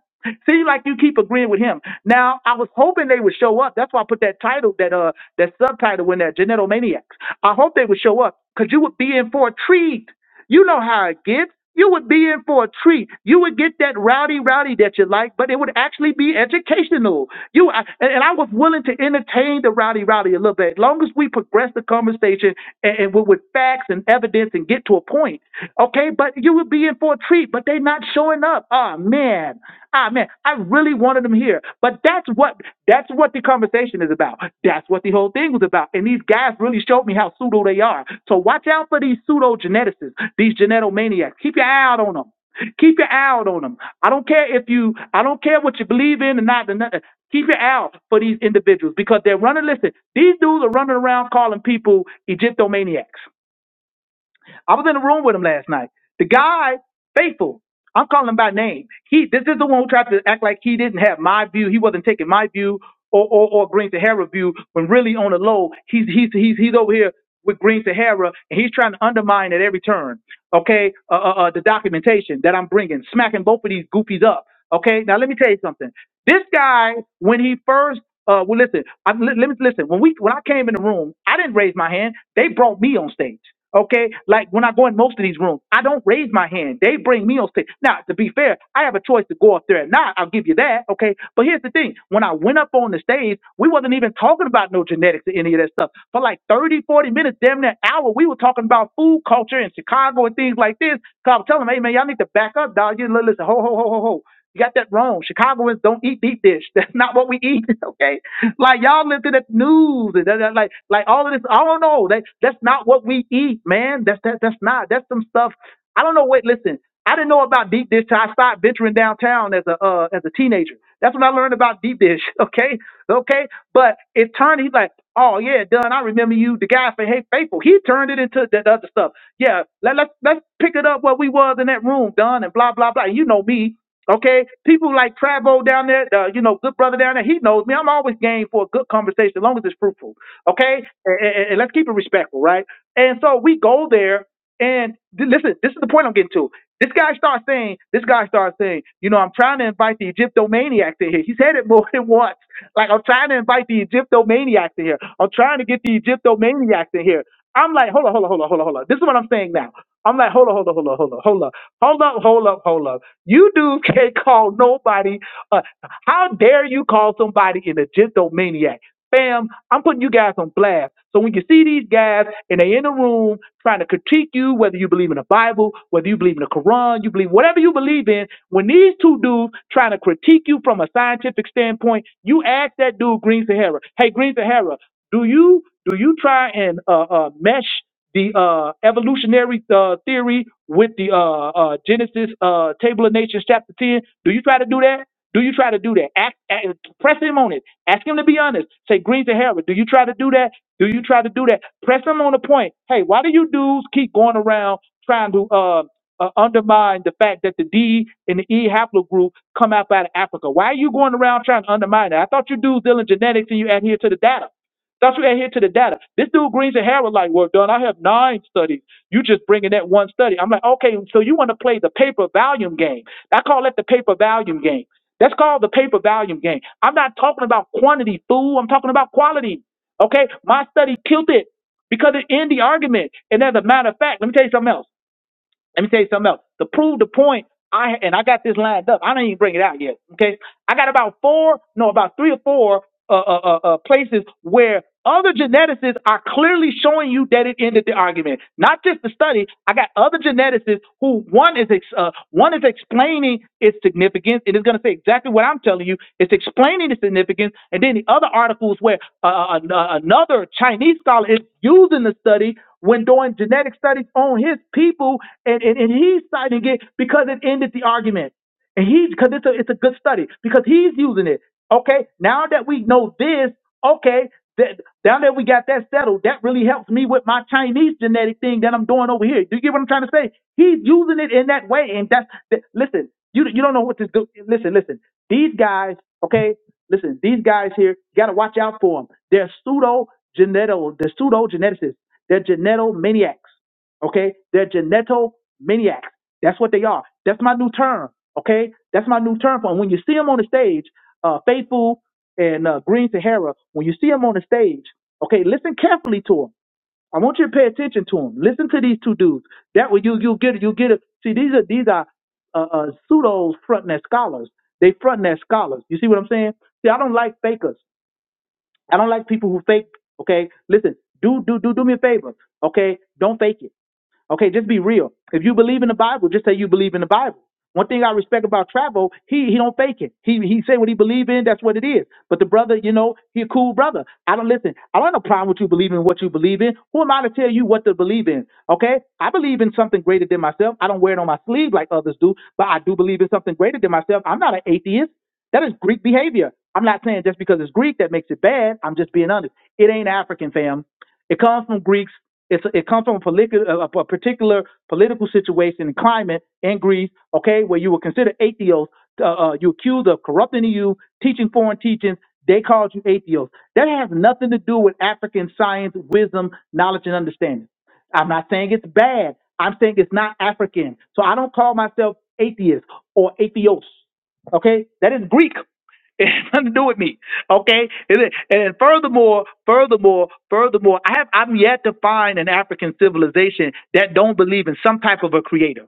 Seems like you keep agreeing with him. Now, I was hoping they would show up. That's why I put that title, that uh, that subtitle in there, Genetomaniacs. I hope they would show up because you would be in for a treat. You know how it gets. You would be in for a treat. You would get that rowdy, rowdy that you like, but it would actually be educational. You I- and, and I was willing to entertain the rowdy, rowdy a little bit, as long as we progress the conversation and, and with, with facts and evidence and get to a point. Okay, but you would be in for a treat, but they're not showing up. Ah man, ah man, I really wanted them here. But that's what that's what the conversation is about. That's what the whole thing was about. And these guys really showed me how pseudo they are. So watch out for these pseudo geneticists, these genetomaniacs. Keep your eye out on them. Keep your eye out on them. I don't care if you, I don't care what you believe in or not. Or nothing. Keep your eye out for these individuals because they're running. Listen, these dudes are running around calling people Egyptomaniacs. I was in the room with him last night. The guy, faithful. I'm calling him by name. He, this is the one who tried to act like he didn't have my view. He wasn't taking my view or or, or Green Sahara view. When really on the low, he's he's he's he's over here with Green Sahara and he's trying to undermine at every turn. Okay, uh, uh, uh, the documentation that I'm bringing, smacking both of these goofies up. Okay, now let me tell you something. This guy, when he first, uh, well, listen, I, li- let me listen. When we, when I came in the room, I didn't raise my hand. They brought me on stage. Okay, like when I go in most of these rooms, I don't raise my hand. They bring me on stage. Now, to be fair, I have a choice to go up there or not. I'll give you that. Okay, but here's the thing: when I went up on the stage, we wasn't even talking about no genetics or any of that stuff. For like 30, 40 minutes, damn near an hour, we were talking about food culture in Chicago and things like this. So I'm telling them, hey man, y'all need to back up, dog. You li- listen, ho, ho, ho, ho, ho. You got that wrong. Chicagoans don't eat deep dish. That's not what we eat. Okay, like y'all listen through the news and that, that- like like all of this. I don't know. That that's not what we eat, man. That's that that's not. That's some stuff. I don't know. Wait, listen. I didn't know about deep dish till I started venturing downtown as a uh, as a teenager. That's when I learned about deep dish. Okay, okay. But it turned. He's like, oh yeah, Dunn. I remember you, the guy from Hey Faithful. He turned it into that other stuff. Yeah, let let let's pick it up where we was in that room, Dunn, and blah blah blah. You know me. Okay, people like Trabo down there, uh, you know, good brother down there, he knows me. I'm always game for a good conversation as long as it's fruitful. Okay, and, and- and let's keep it respectful, right? And so we go there, and th- listen, this is the point I'm getting to. This guy starts saying, this guy starts saying, you know, I'm trying to invite the Egyptomaniacs in here. He said it more than once. Like, I'm trying to invite the Egyptomaniacs in here. I'm trying to get the Egyptomaniacs in here. I'm like, hold on, hold on, hold on, hold on, hold on. This is what I'm saying now. I'm like, hold on, hold on, hold on, hold on, hold on. Hold up, hold up, hold up. You dudes can't call nobody. Uh, how dare you call somebody an agentomaniac? Fam, I'm putting you guys on blast. So when you see these guys and they in the room trying to critique you, whether you believe in the Bible, whether you believe in the Quran, you believe whatever you believe in, when these two dudes trying to critique you from a scientific standpoint, you ask that dude Green Sahara, hey Green Sahara, do you do you try and uh, uh, mesh? the uh, evolutionary uh, theory with the uh, uh, Genesis uh, Table of Nations, chapter 10. Do you try to do that? Do you try to do that? Ask, ask, press him on it. Ask him to be honest. Say, Green to Harris, do you try to do that? Do you try to do that? Press him on the point. Hey, why do you dudes keep going around trying to uh, uh, undermine the fact that the D and the E haplogroup come out out of Africa? Why are you going around trying to undermine that? I thought you dudes dealing genetics and you adhere to the data. That's what adhere to the data. This dude Greens and Harrell like, well, done. I have nine studies. You just bringing that one study. I'm like, okay, so you want to play the paper volume game? I call it the paper volume game. That's called the paper volume game. I'm not talking about quantity, fool. I'm talking about quality. Okay, my study killed it because it ended the argument. And as a matter of fact, let me tell you something else. Let me tell you something else to prove the point. I and I got this lined up. I don't even bring it out yet. Okay. I got about four, no, about three or four uh, uh, uh, uh, places where other geneticists are clearly showing you that it ended the argument. Not just the study. I got other geneticists who one is ex- uh, one is explaining its significance and is going to say exactly what I'm telling you. It's explaining the significance, and then the other articles where uh, uh, an- uh, another Chinese scholar is using the study when doing genetic studies on his people, and, and, and he's citing it because it ended the argument. And he, because it's a, it's a good study, because he's using it. Okay, now that we know this, okay, that now that we got that settled, that really helps me with my Chinese genetic thing that I'm doing over here. Do you get what I'm trying to say? He's using it in that way, and that's that, listen. You you don't know what to do. Listen, listen. These guys, okay, listen. These guys here, you got to watch out for them. They're pseudo geneto, they're pseudo geneticists. They're geneto maniacs. Okay? They're geneto maniacs. That's what they are. That's my new term. Okay? That's my new term for them. When you see them on the stage, uh, Faithful and uh, Green Sahara, when you see them on the stage, okay, listen carefully to them. I want you to pay attention to them. Listen to these two dudes. That way you you get it. You get it. See, these are these are uh, uh, pseudos fronting as scholars. They fronting as scholars. You see what I'm saying? See, I don't like fakers. I don't like people who fake. Okay, listen. Do do do do me a favor. Okay, don't fake it. Okay, just be real. If you believe in the Bible, just say you believe in the Bible. One thing I respect about Travo, he he don't fake it. He he say what he believe in. That's what it is. But the brother, you know, he a cool brother. I don't listen. I don't have no problem with you believing what you believe in. Who am I to tell you what to believe in? Okay, I believe in something greater than myself. I don't wear it on my sleeve like others do, but I do believe in something greater than myself. I'm not an atheist. That is Greek behavior. I'm not saying just because it's Greek that makes it bad. I'm just being honest. It ain't African, fam. It comes from Greeks. It's it comes from a, politi- a a particular political situation and climate in Greece, okay, where you were considered atheist. Uh, uh, you accused of corrupting the youth, teaching foreign teachings. They called you atheist. That has nothing to do with African science, wisdom, knowledge, and understanding. I'm not saying it's bad. I'm saying it's not African. So I don't call myself atheist or atheos. Okay, that is Greek. It has nothing to do with me. Okay, and, then- and furthermore, furthermore, furthermore, I have I'm yet to find an African civilization that don't believe in some type of a creator,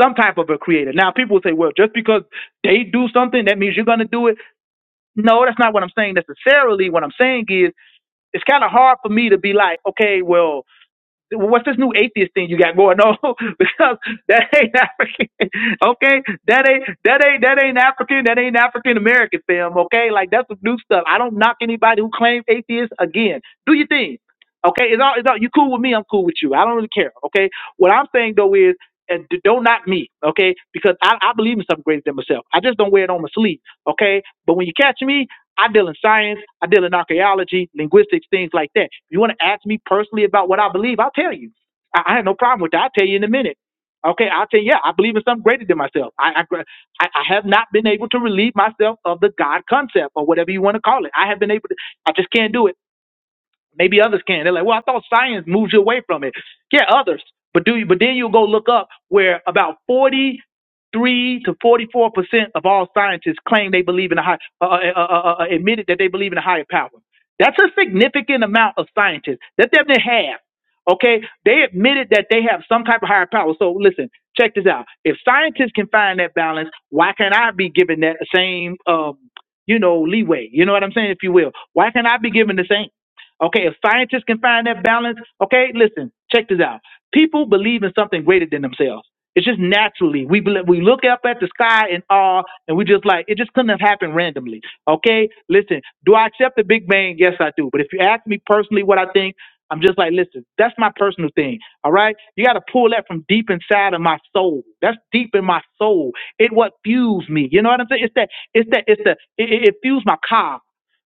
some type of a creator. Now, people will say, well, just because they do something, that means you're going to do it. No, that's not what I'm saying necessarily. What I'm saying is, it's kind of hard for me to be like, okay, well what's this new atheist thing you got going on? because that ain't African. Okay, that ain't that ain't that ain't African. That ain't African American film. Okay, like that's some new stuff. I don't knock anybody who claims atheist. Again, do your thing. Okay, it's all, it's all you cool with me. I'm cool with you. I don't really care. Okay, what I'm saying though is. And d- don't knock me, okay? Because I, I believe in something greater than myself. I just don't wear it on my sleeve, okay? But when you catch me, I deal in science, I deal in archaeology, linguistics, things like that. If you want to ask me personally about what I believe, I'll tell you. I, I have no problem with that. I'll tell you in a minute. Okay, I'll tell you, yeah, I believe in something greater than myself. I, I, I I have not been able to relieve myself of the God concept or whatever you want to call it. I have been able to, I just can't do it. Maybe others can. They're like, well, I thought science moves you away from it. Yeah, others. But do you, but then you'll go look up where about 43 to 44 percent of all scientists claim they believe in a high, uh, uh, uh, uh, uh, admitted that they believe in a higher power. That's a significant amount of scientists. That's definitely half. Okay, they admitted that they have some type of higher power. So listen, check this out. If scientists can find that balance, why can't I be given that same, um, you know, leeway? You know what I'm saying, if you will. Why can't I be given the same? Okay, if scientists can find that balance, okay, listen, check this out. People believe in something greater than themselves. It's just naturally. We bel we look up at the sky in awe, and we just like it just couldn't have happened randomly. Okay, listen. Do I accept the Big Bang? Yes, I do. But if you ask me personally what I think, I'm just like, listen. That's my personal thing. All right, you got to pull that from deep inside of my soul. That's deep in my soul. It what fuels me. You know what I'm saying? It's that. It's that. It's the. It, it it fuels my car.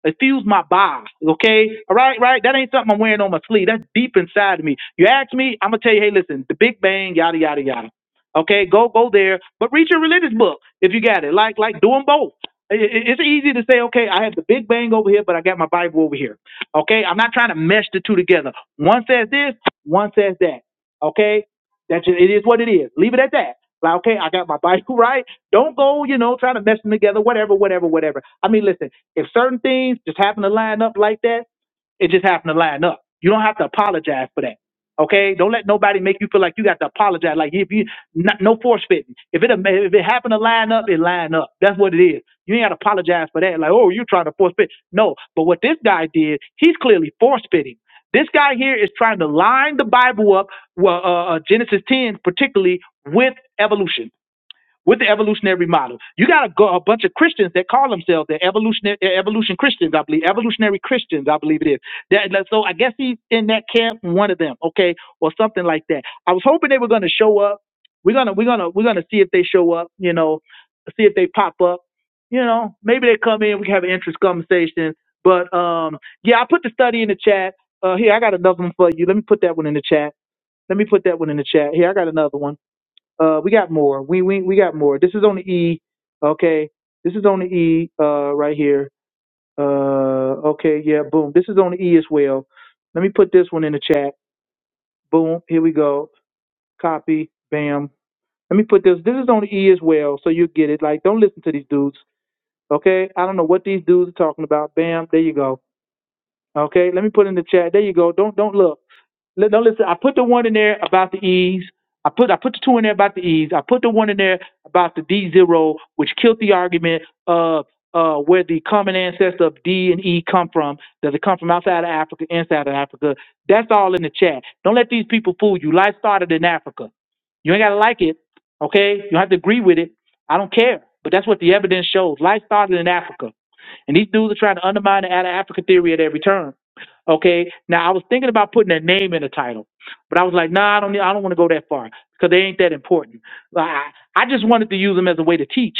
Excuse my bias, okay? All right, right? That ain't something I'm wearing on my sleeve. That's deep inside of me. You ask me, I'm gonna tell you, hey, listen, the Big Bang, yada yada yada. Okay, go go there, but read your religious book if you got it. Like like do them both. I- I- It's easy to say, okay, I have the Big Bang over here, but I got my Bible over here. Okay, I'm not trying to mesh the two together. One says this, one says that. Okay, that's just, it is what it is. Leave it at that. Like, okay, I got my Bible right. Don't go, you know, trying to mess them together, whatever, whatever, whatever. I mean, listen, if certain things just happen to line up like that, it just happened to line up. You don't have to apologize for that. Okay, don't let nobody make you feel like you got to apologize. Like if you not, no force fitting. If it if it happened to line up, it line up. That's what it is. You ain't got to apologize for that. Like oh, you're trying to force fit. No, but what this guy did, he's clearly force fitting. This guy here is trying to line the Bible up well, uh, uh, Genesis 10, particularly with evolution, with the evolutionary model. You got a, go- a bunch of Christians that call themselves the evolutionary uh, evolution Christians, I believe, evolutionary Christians, I believe it is. That, that- so I guess he's in that camp, one of them, okay, or something like that. I was hoping they were going to show up. We're gonna we're gonna we're gonna see if they show up. You know, see if they pop up. You know, maybe they come in. We have an interest conversation. But um, yeah, I put the study in the chat. Uh, here I got another one for you. Let me put that one in the chat. Let me put that one in the chat. Here, I got another one. Uh, we got more. We we we got more. This is on the E. Okay, this is on the E. Uh, right here. Uh, okay, yeah, boom. This is on the E as well. Let me put this one in the chat. Boom. Here we go. Copy. Bam. Let me put this. This is on the E as well, so you get it. Like, don't listen to these dudes. Okay, I don't know what these dudes are talking about. Bam. There you go. Okay, let me put in the chat. There you go. Don't don't look. Li- No, listen. I put the one in there about the E's. I put I put the two in there about the E's. I put the one in there about the D zero, which killed the argument of uh, where the common ancestor of D and E come from. Does it come from outside of Africa, inside of Africa? That's all in the chat. Don't let these people fool you. Life started in Africa. You ain't gotta like it, okay? You don't have to agree with it. I don't care. But that's what the evidence shows. Life started in Africa. And these dudes are trying to undermine the Ala Africa theory at every turn. Okay. Now I was thinking about putting a name in the title, but I was like, nah, I don't. need- I don't want to go that far because they ain't that important. Like, I, I just wanted to use them as a way to teach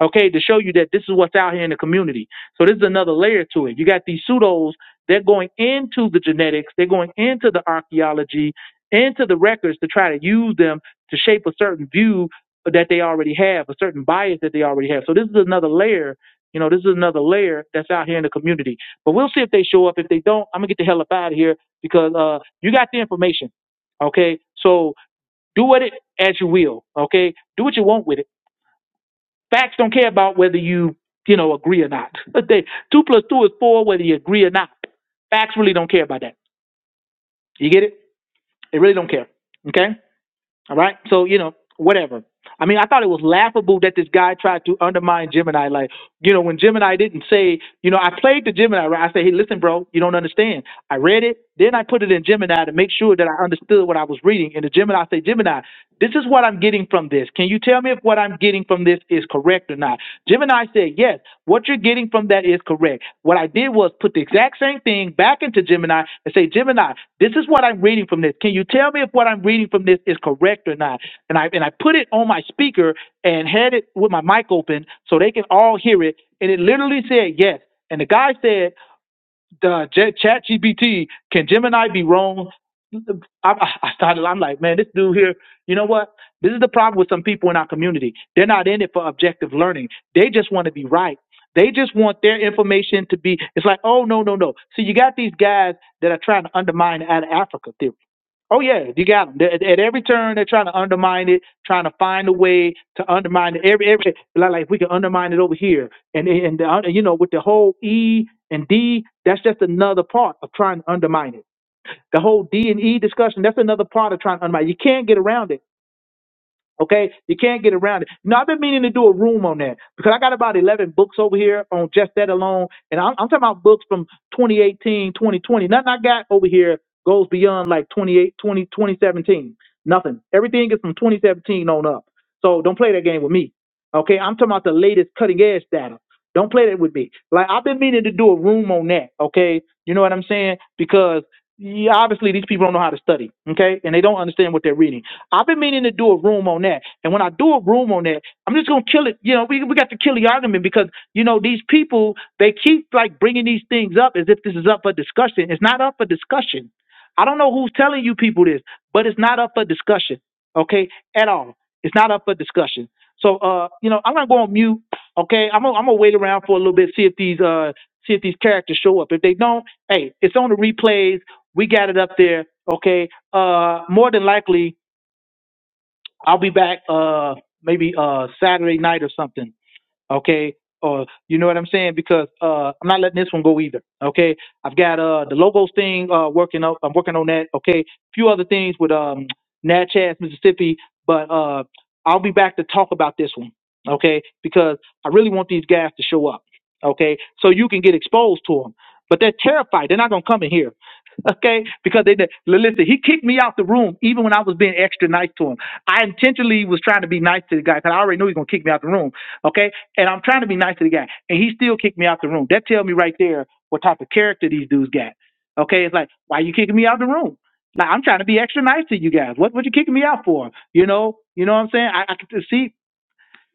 okay, to show you that this is what's out here in the community. So this is another layer to it. You got these pseudos, they're going into the genetics, they're going into the archaeology, into the records to try to use them to shape a certain view that they already have, a certain bias that they already have. So this is another layer. You know, this is another layer that's out here in the community. But we'll see if they show up. If they don't, I'm gonna get the hell up out of here because uh, you got the information. Okay, so do with it as you will. Okay, do what you want with it Facts don't care about whether you, you know, agree or not. they, two plus two is four, whether you agree or not. Facts really don't care about that. You get it? They really don't care. Okay? All right? So, you know, whatever. I mean, I thought it was laughable that this guy tried to undermine Gemini. Like, you know, when Gemini didn't say, you know, I played the Gemini, right? I said, hey, listen, bro, you don't understand. I read it, then I put it in Gemini to make sure that I understood what I was reading. And the Gemini said, Gemini, this is what I'm getting from this. Can you tell me if what I'm getting from this is correct or not? Gemini said, yes, what you're getting from that is correct. What I did was put the exact same thing back into Gemini and say, Gemini, this is what I'm reading from this. Can you tell me if what I'm reading from this is correct or not? and I and I put it on my speaker and had it with my mic open so they can all hear it. And it literally said yes. And the guy said, "The J- Chat GPT can Gemini be wrong?" I, I started. I'm like, man, this dude here. You know what? This is the problem with some people in our community. They're not in it for objective learning. They just want to be right. They just want their information to be. It's like, oh no, no, no. See, you got these guys that are trying to undermine the out of Africa theory. Oh yeah, you got them. At, at every turn, they're trying to undermine it, trying to find a way to undermine it. Every every like, like we can undermine it over here, and and the, you know with the whole E and D, that's just another part of trying to undermine it. The whole D and E discussion, that's another part of trying to undermine. it. You can't get around it. Okay, you can't get around it. No, I've been meaning to do a room on that because I got about 11 books over here on just that alone. And I'm, I'm talking about books from 2018, 2020. Nothing I got over here goes beyond like 28, 2017. Nothing. Everything is from 2017 on up. So don't play that game with me. Okay, I'm talking about the latest cutting edge data. Don't play that with me. Like I've been meaning to do a room on that. Okay, you know what I'm saying? Because yeah, obviously these people don't know how to study. Okay, and they don't understand what they're reading. I've been meaning to do a room on that. And when I do a room on that, I'm just gonna kill it. You know, we we got to kill the argument because you know these people they keep like bringing these things up as if this is up for discussion. It's not up for discussion. I don't know who's telling you people this, but it's not up for discussion. Okay, at all. It's not up for discussion. So uh, you know, I'm gonna go on mute. Okay, I'm going I'm gonna wait around for a little bit, see if these uh see if these characters show up. If they don't, hey, it's on the replays. We got it up there. Okay. Uh, more than likely, I'll be back uh maybe uh Saturday night or something okay? Or you know what I'm saying? Because uh, I'm not letting this one go either, okay? I've got uh the logos thing uh working up. I'm working on that, okay? a few other things with um Natchez, Mississippi, but uh I'll be back to talk about this one, okay? Because I really want these guys to show up, okay? So you can get exposed to them. But they're terrified. They're not gonna come in here, okay? Because they they- listen. He kicked me out the room even when I was being extra nice to him. I intentionally was trying to be nice to the guy because I already knew he was gonna kick me out the room, okay? And I'm trying to be nice to the guy, and he still kicked me out the room. That tells me right there what type of character these dudes got. Okay, it's like, why you kicking me out the room? Like I'm trying to be extra nice to you guys. What what you kicking me out for? You know, you know what I'm saying? I, I could see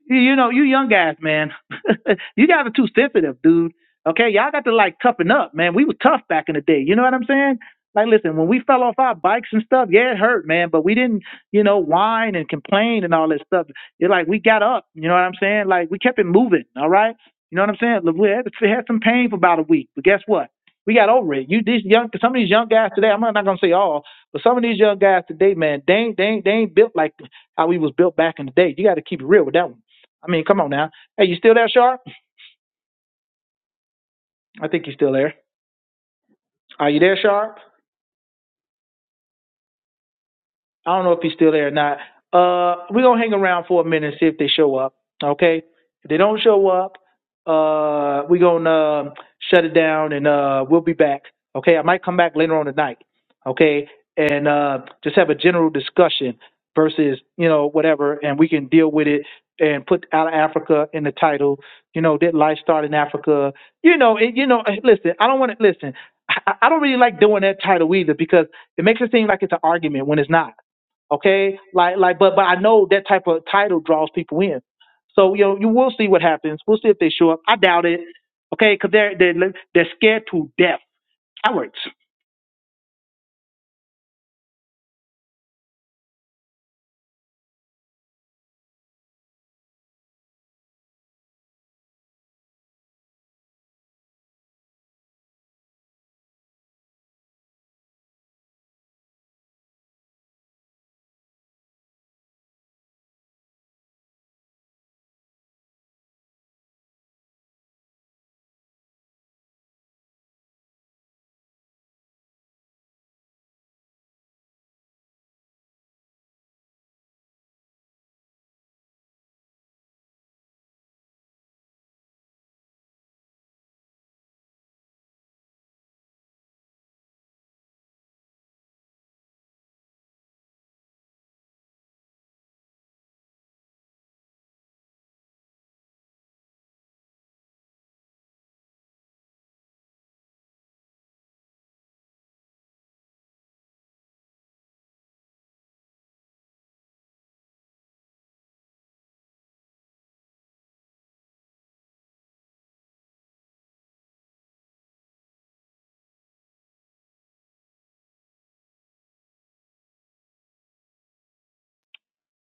you, you know, you young guys, man, you guys are too sensitive, dude. Okay, y'all got to like toughen up, man. We were tough back in the day. You know what I'm saying? Like, listen, when we fell off our bikes and stuff, yeah, it hurt, man. But we didn't, you know, whine and complain and all that stuff. It's like we got up. You know what I'm saying? Like we kept it moving. All right. You know what I'm saying? Look, We had, we had some pain for about a week, but guess what? We got over it. You these young, some of these young guys today. I'm not gonna say all, but some of these young guys today, man, they ain't, they ain't, they ain't built like how we was built back in the day. You got to keep it real with that one. I mean, come on now. Hey, you still there, Sharp? I think you're still there. Are you there, Sharp? I don't know if he's still there or not. Uh, we're gonna hang around for a minute and see if they show up. Okay. If they don't show up, uh, we're gonna um, shut it down and uh, we'll be back. Okay. I might come back later on tonight. Okay. And uh, just have a general discussion versus you know whatever, and we can deal with it and put out of Africa in the title. You know, did life start in Africa? You know, it, you know. Listen, I don't want to listen. I, I I don't really like doing that title either because it makes it seem like it's an argument when it's not. Okay, like like, but but I know that type of title draws people in. So you know, you will see what happens. We'll see if they show up. I doubt it. Okay, because they're they're they're scared to death, cowards.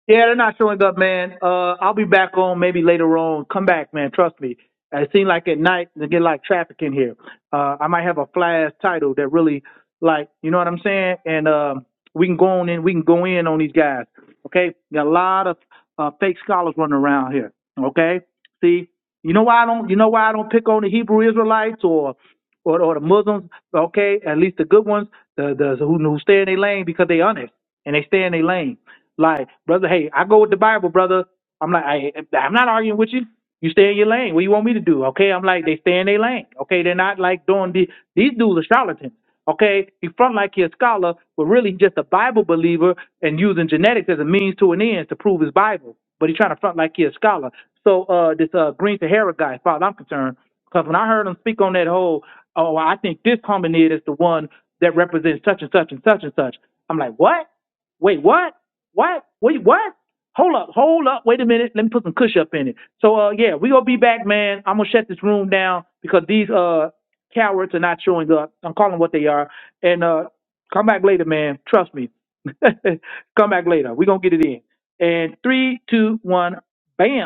Yeah, they're not showing up, man. Uh, I'll be back on maybe later on. Come back, man. Trust me. It seems like at night they get like traffic in here. Uh, I might have a flash title that really, like, you know what I'm saying? And um, we can go on in. We can go in on these guys. Okay, got a lot of uh, fake scholars running around here. Okay, see, you know why I don't. You know why I don't pick on the Hebrew Israelites or or, or the Muslims, okay, at least the good ones, the, the who, who stay in their lane because they honest and they stay in their lane. Like, brother, hey, I go with the Bible, brother. I'm like, I, I'm not arguing with you. You stay in your lane. What you want me to do? Okay, I'm like, they stay in their lane. Okay, they're not like doing the, these dudes are charlatans. Okay, he front like he a scholar, but really he just a Bible believer and using genetics as a means to an end to prove his Bible. But he's trying to front like he a scholar. So uh, this uh, Green Sahara guy, as far as I'm concerned, because when I heard him speak on that whole, oh, I think this hominid is the one that represents such and such and such and such. I'm like, what? Wait, what? What? Wait, what? Hold up, hold up, wait a minute. Let me put some Kush up in it. So, uh, yeah, we gonna be back, man. I'm gonna shut this room down because these uh cowards are not showing up. I'm calling what they are, and uh, come back later, man. Trust me. come back later. We gonna get it in. And three, two, one, bam.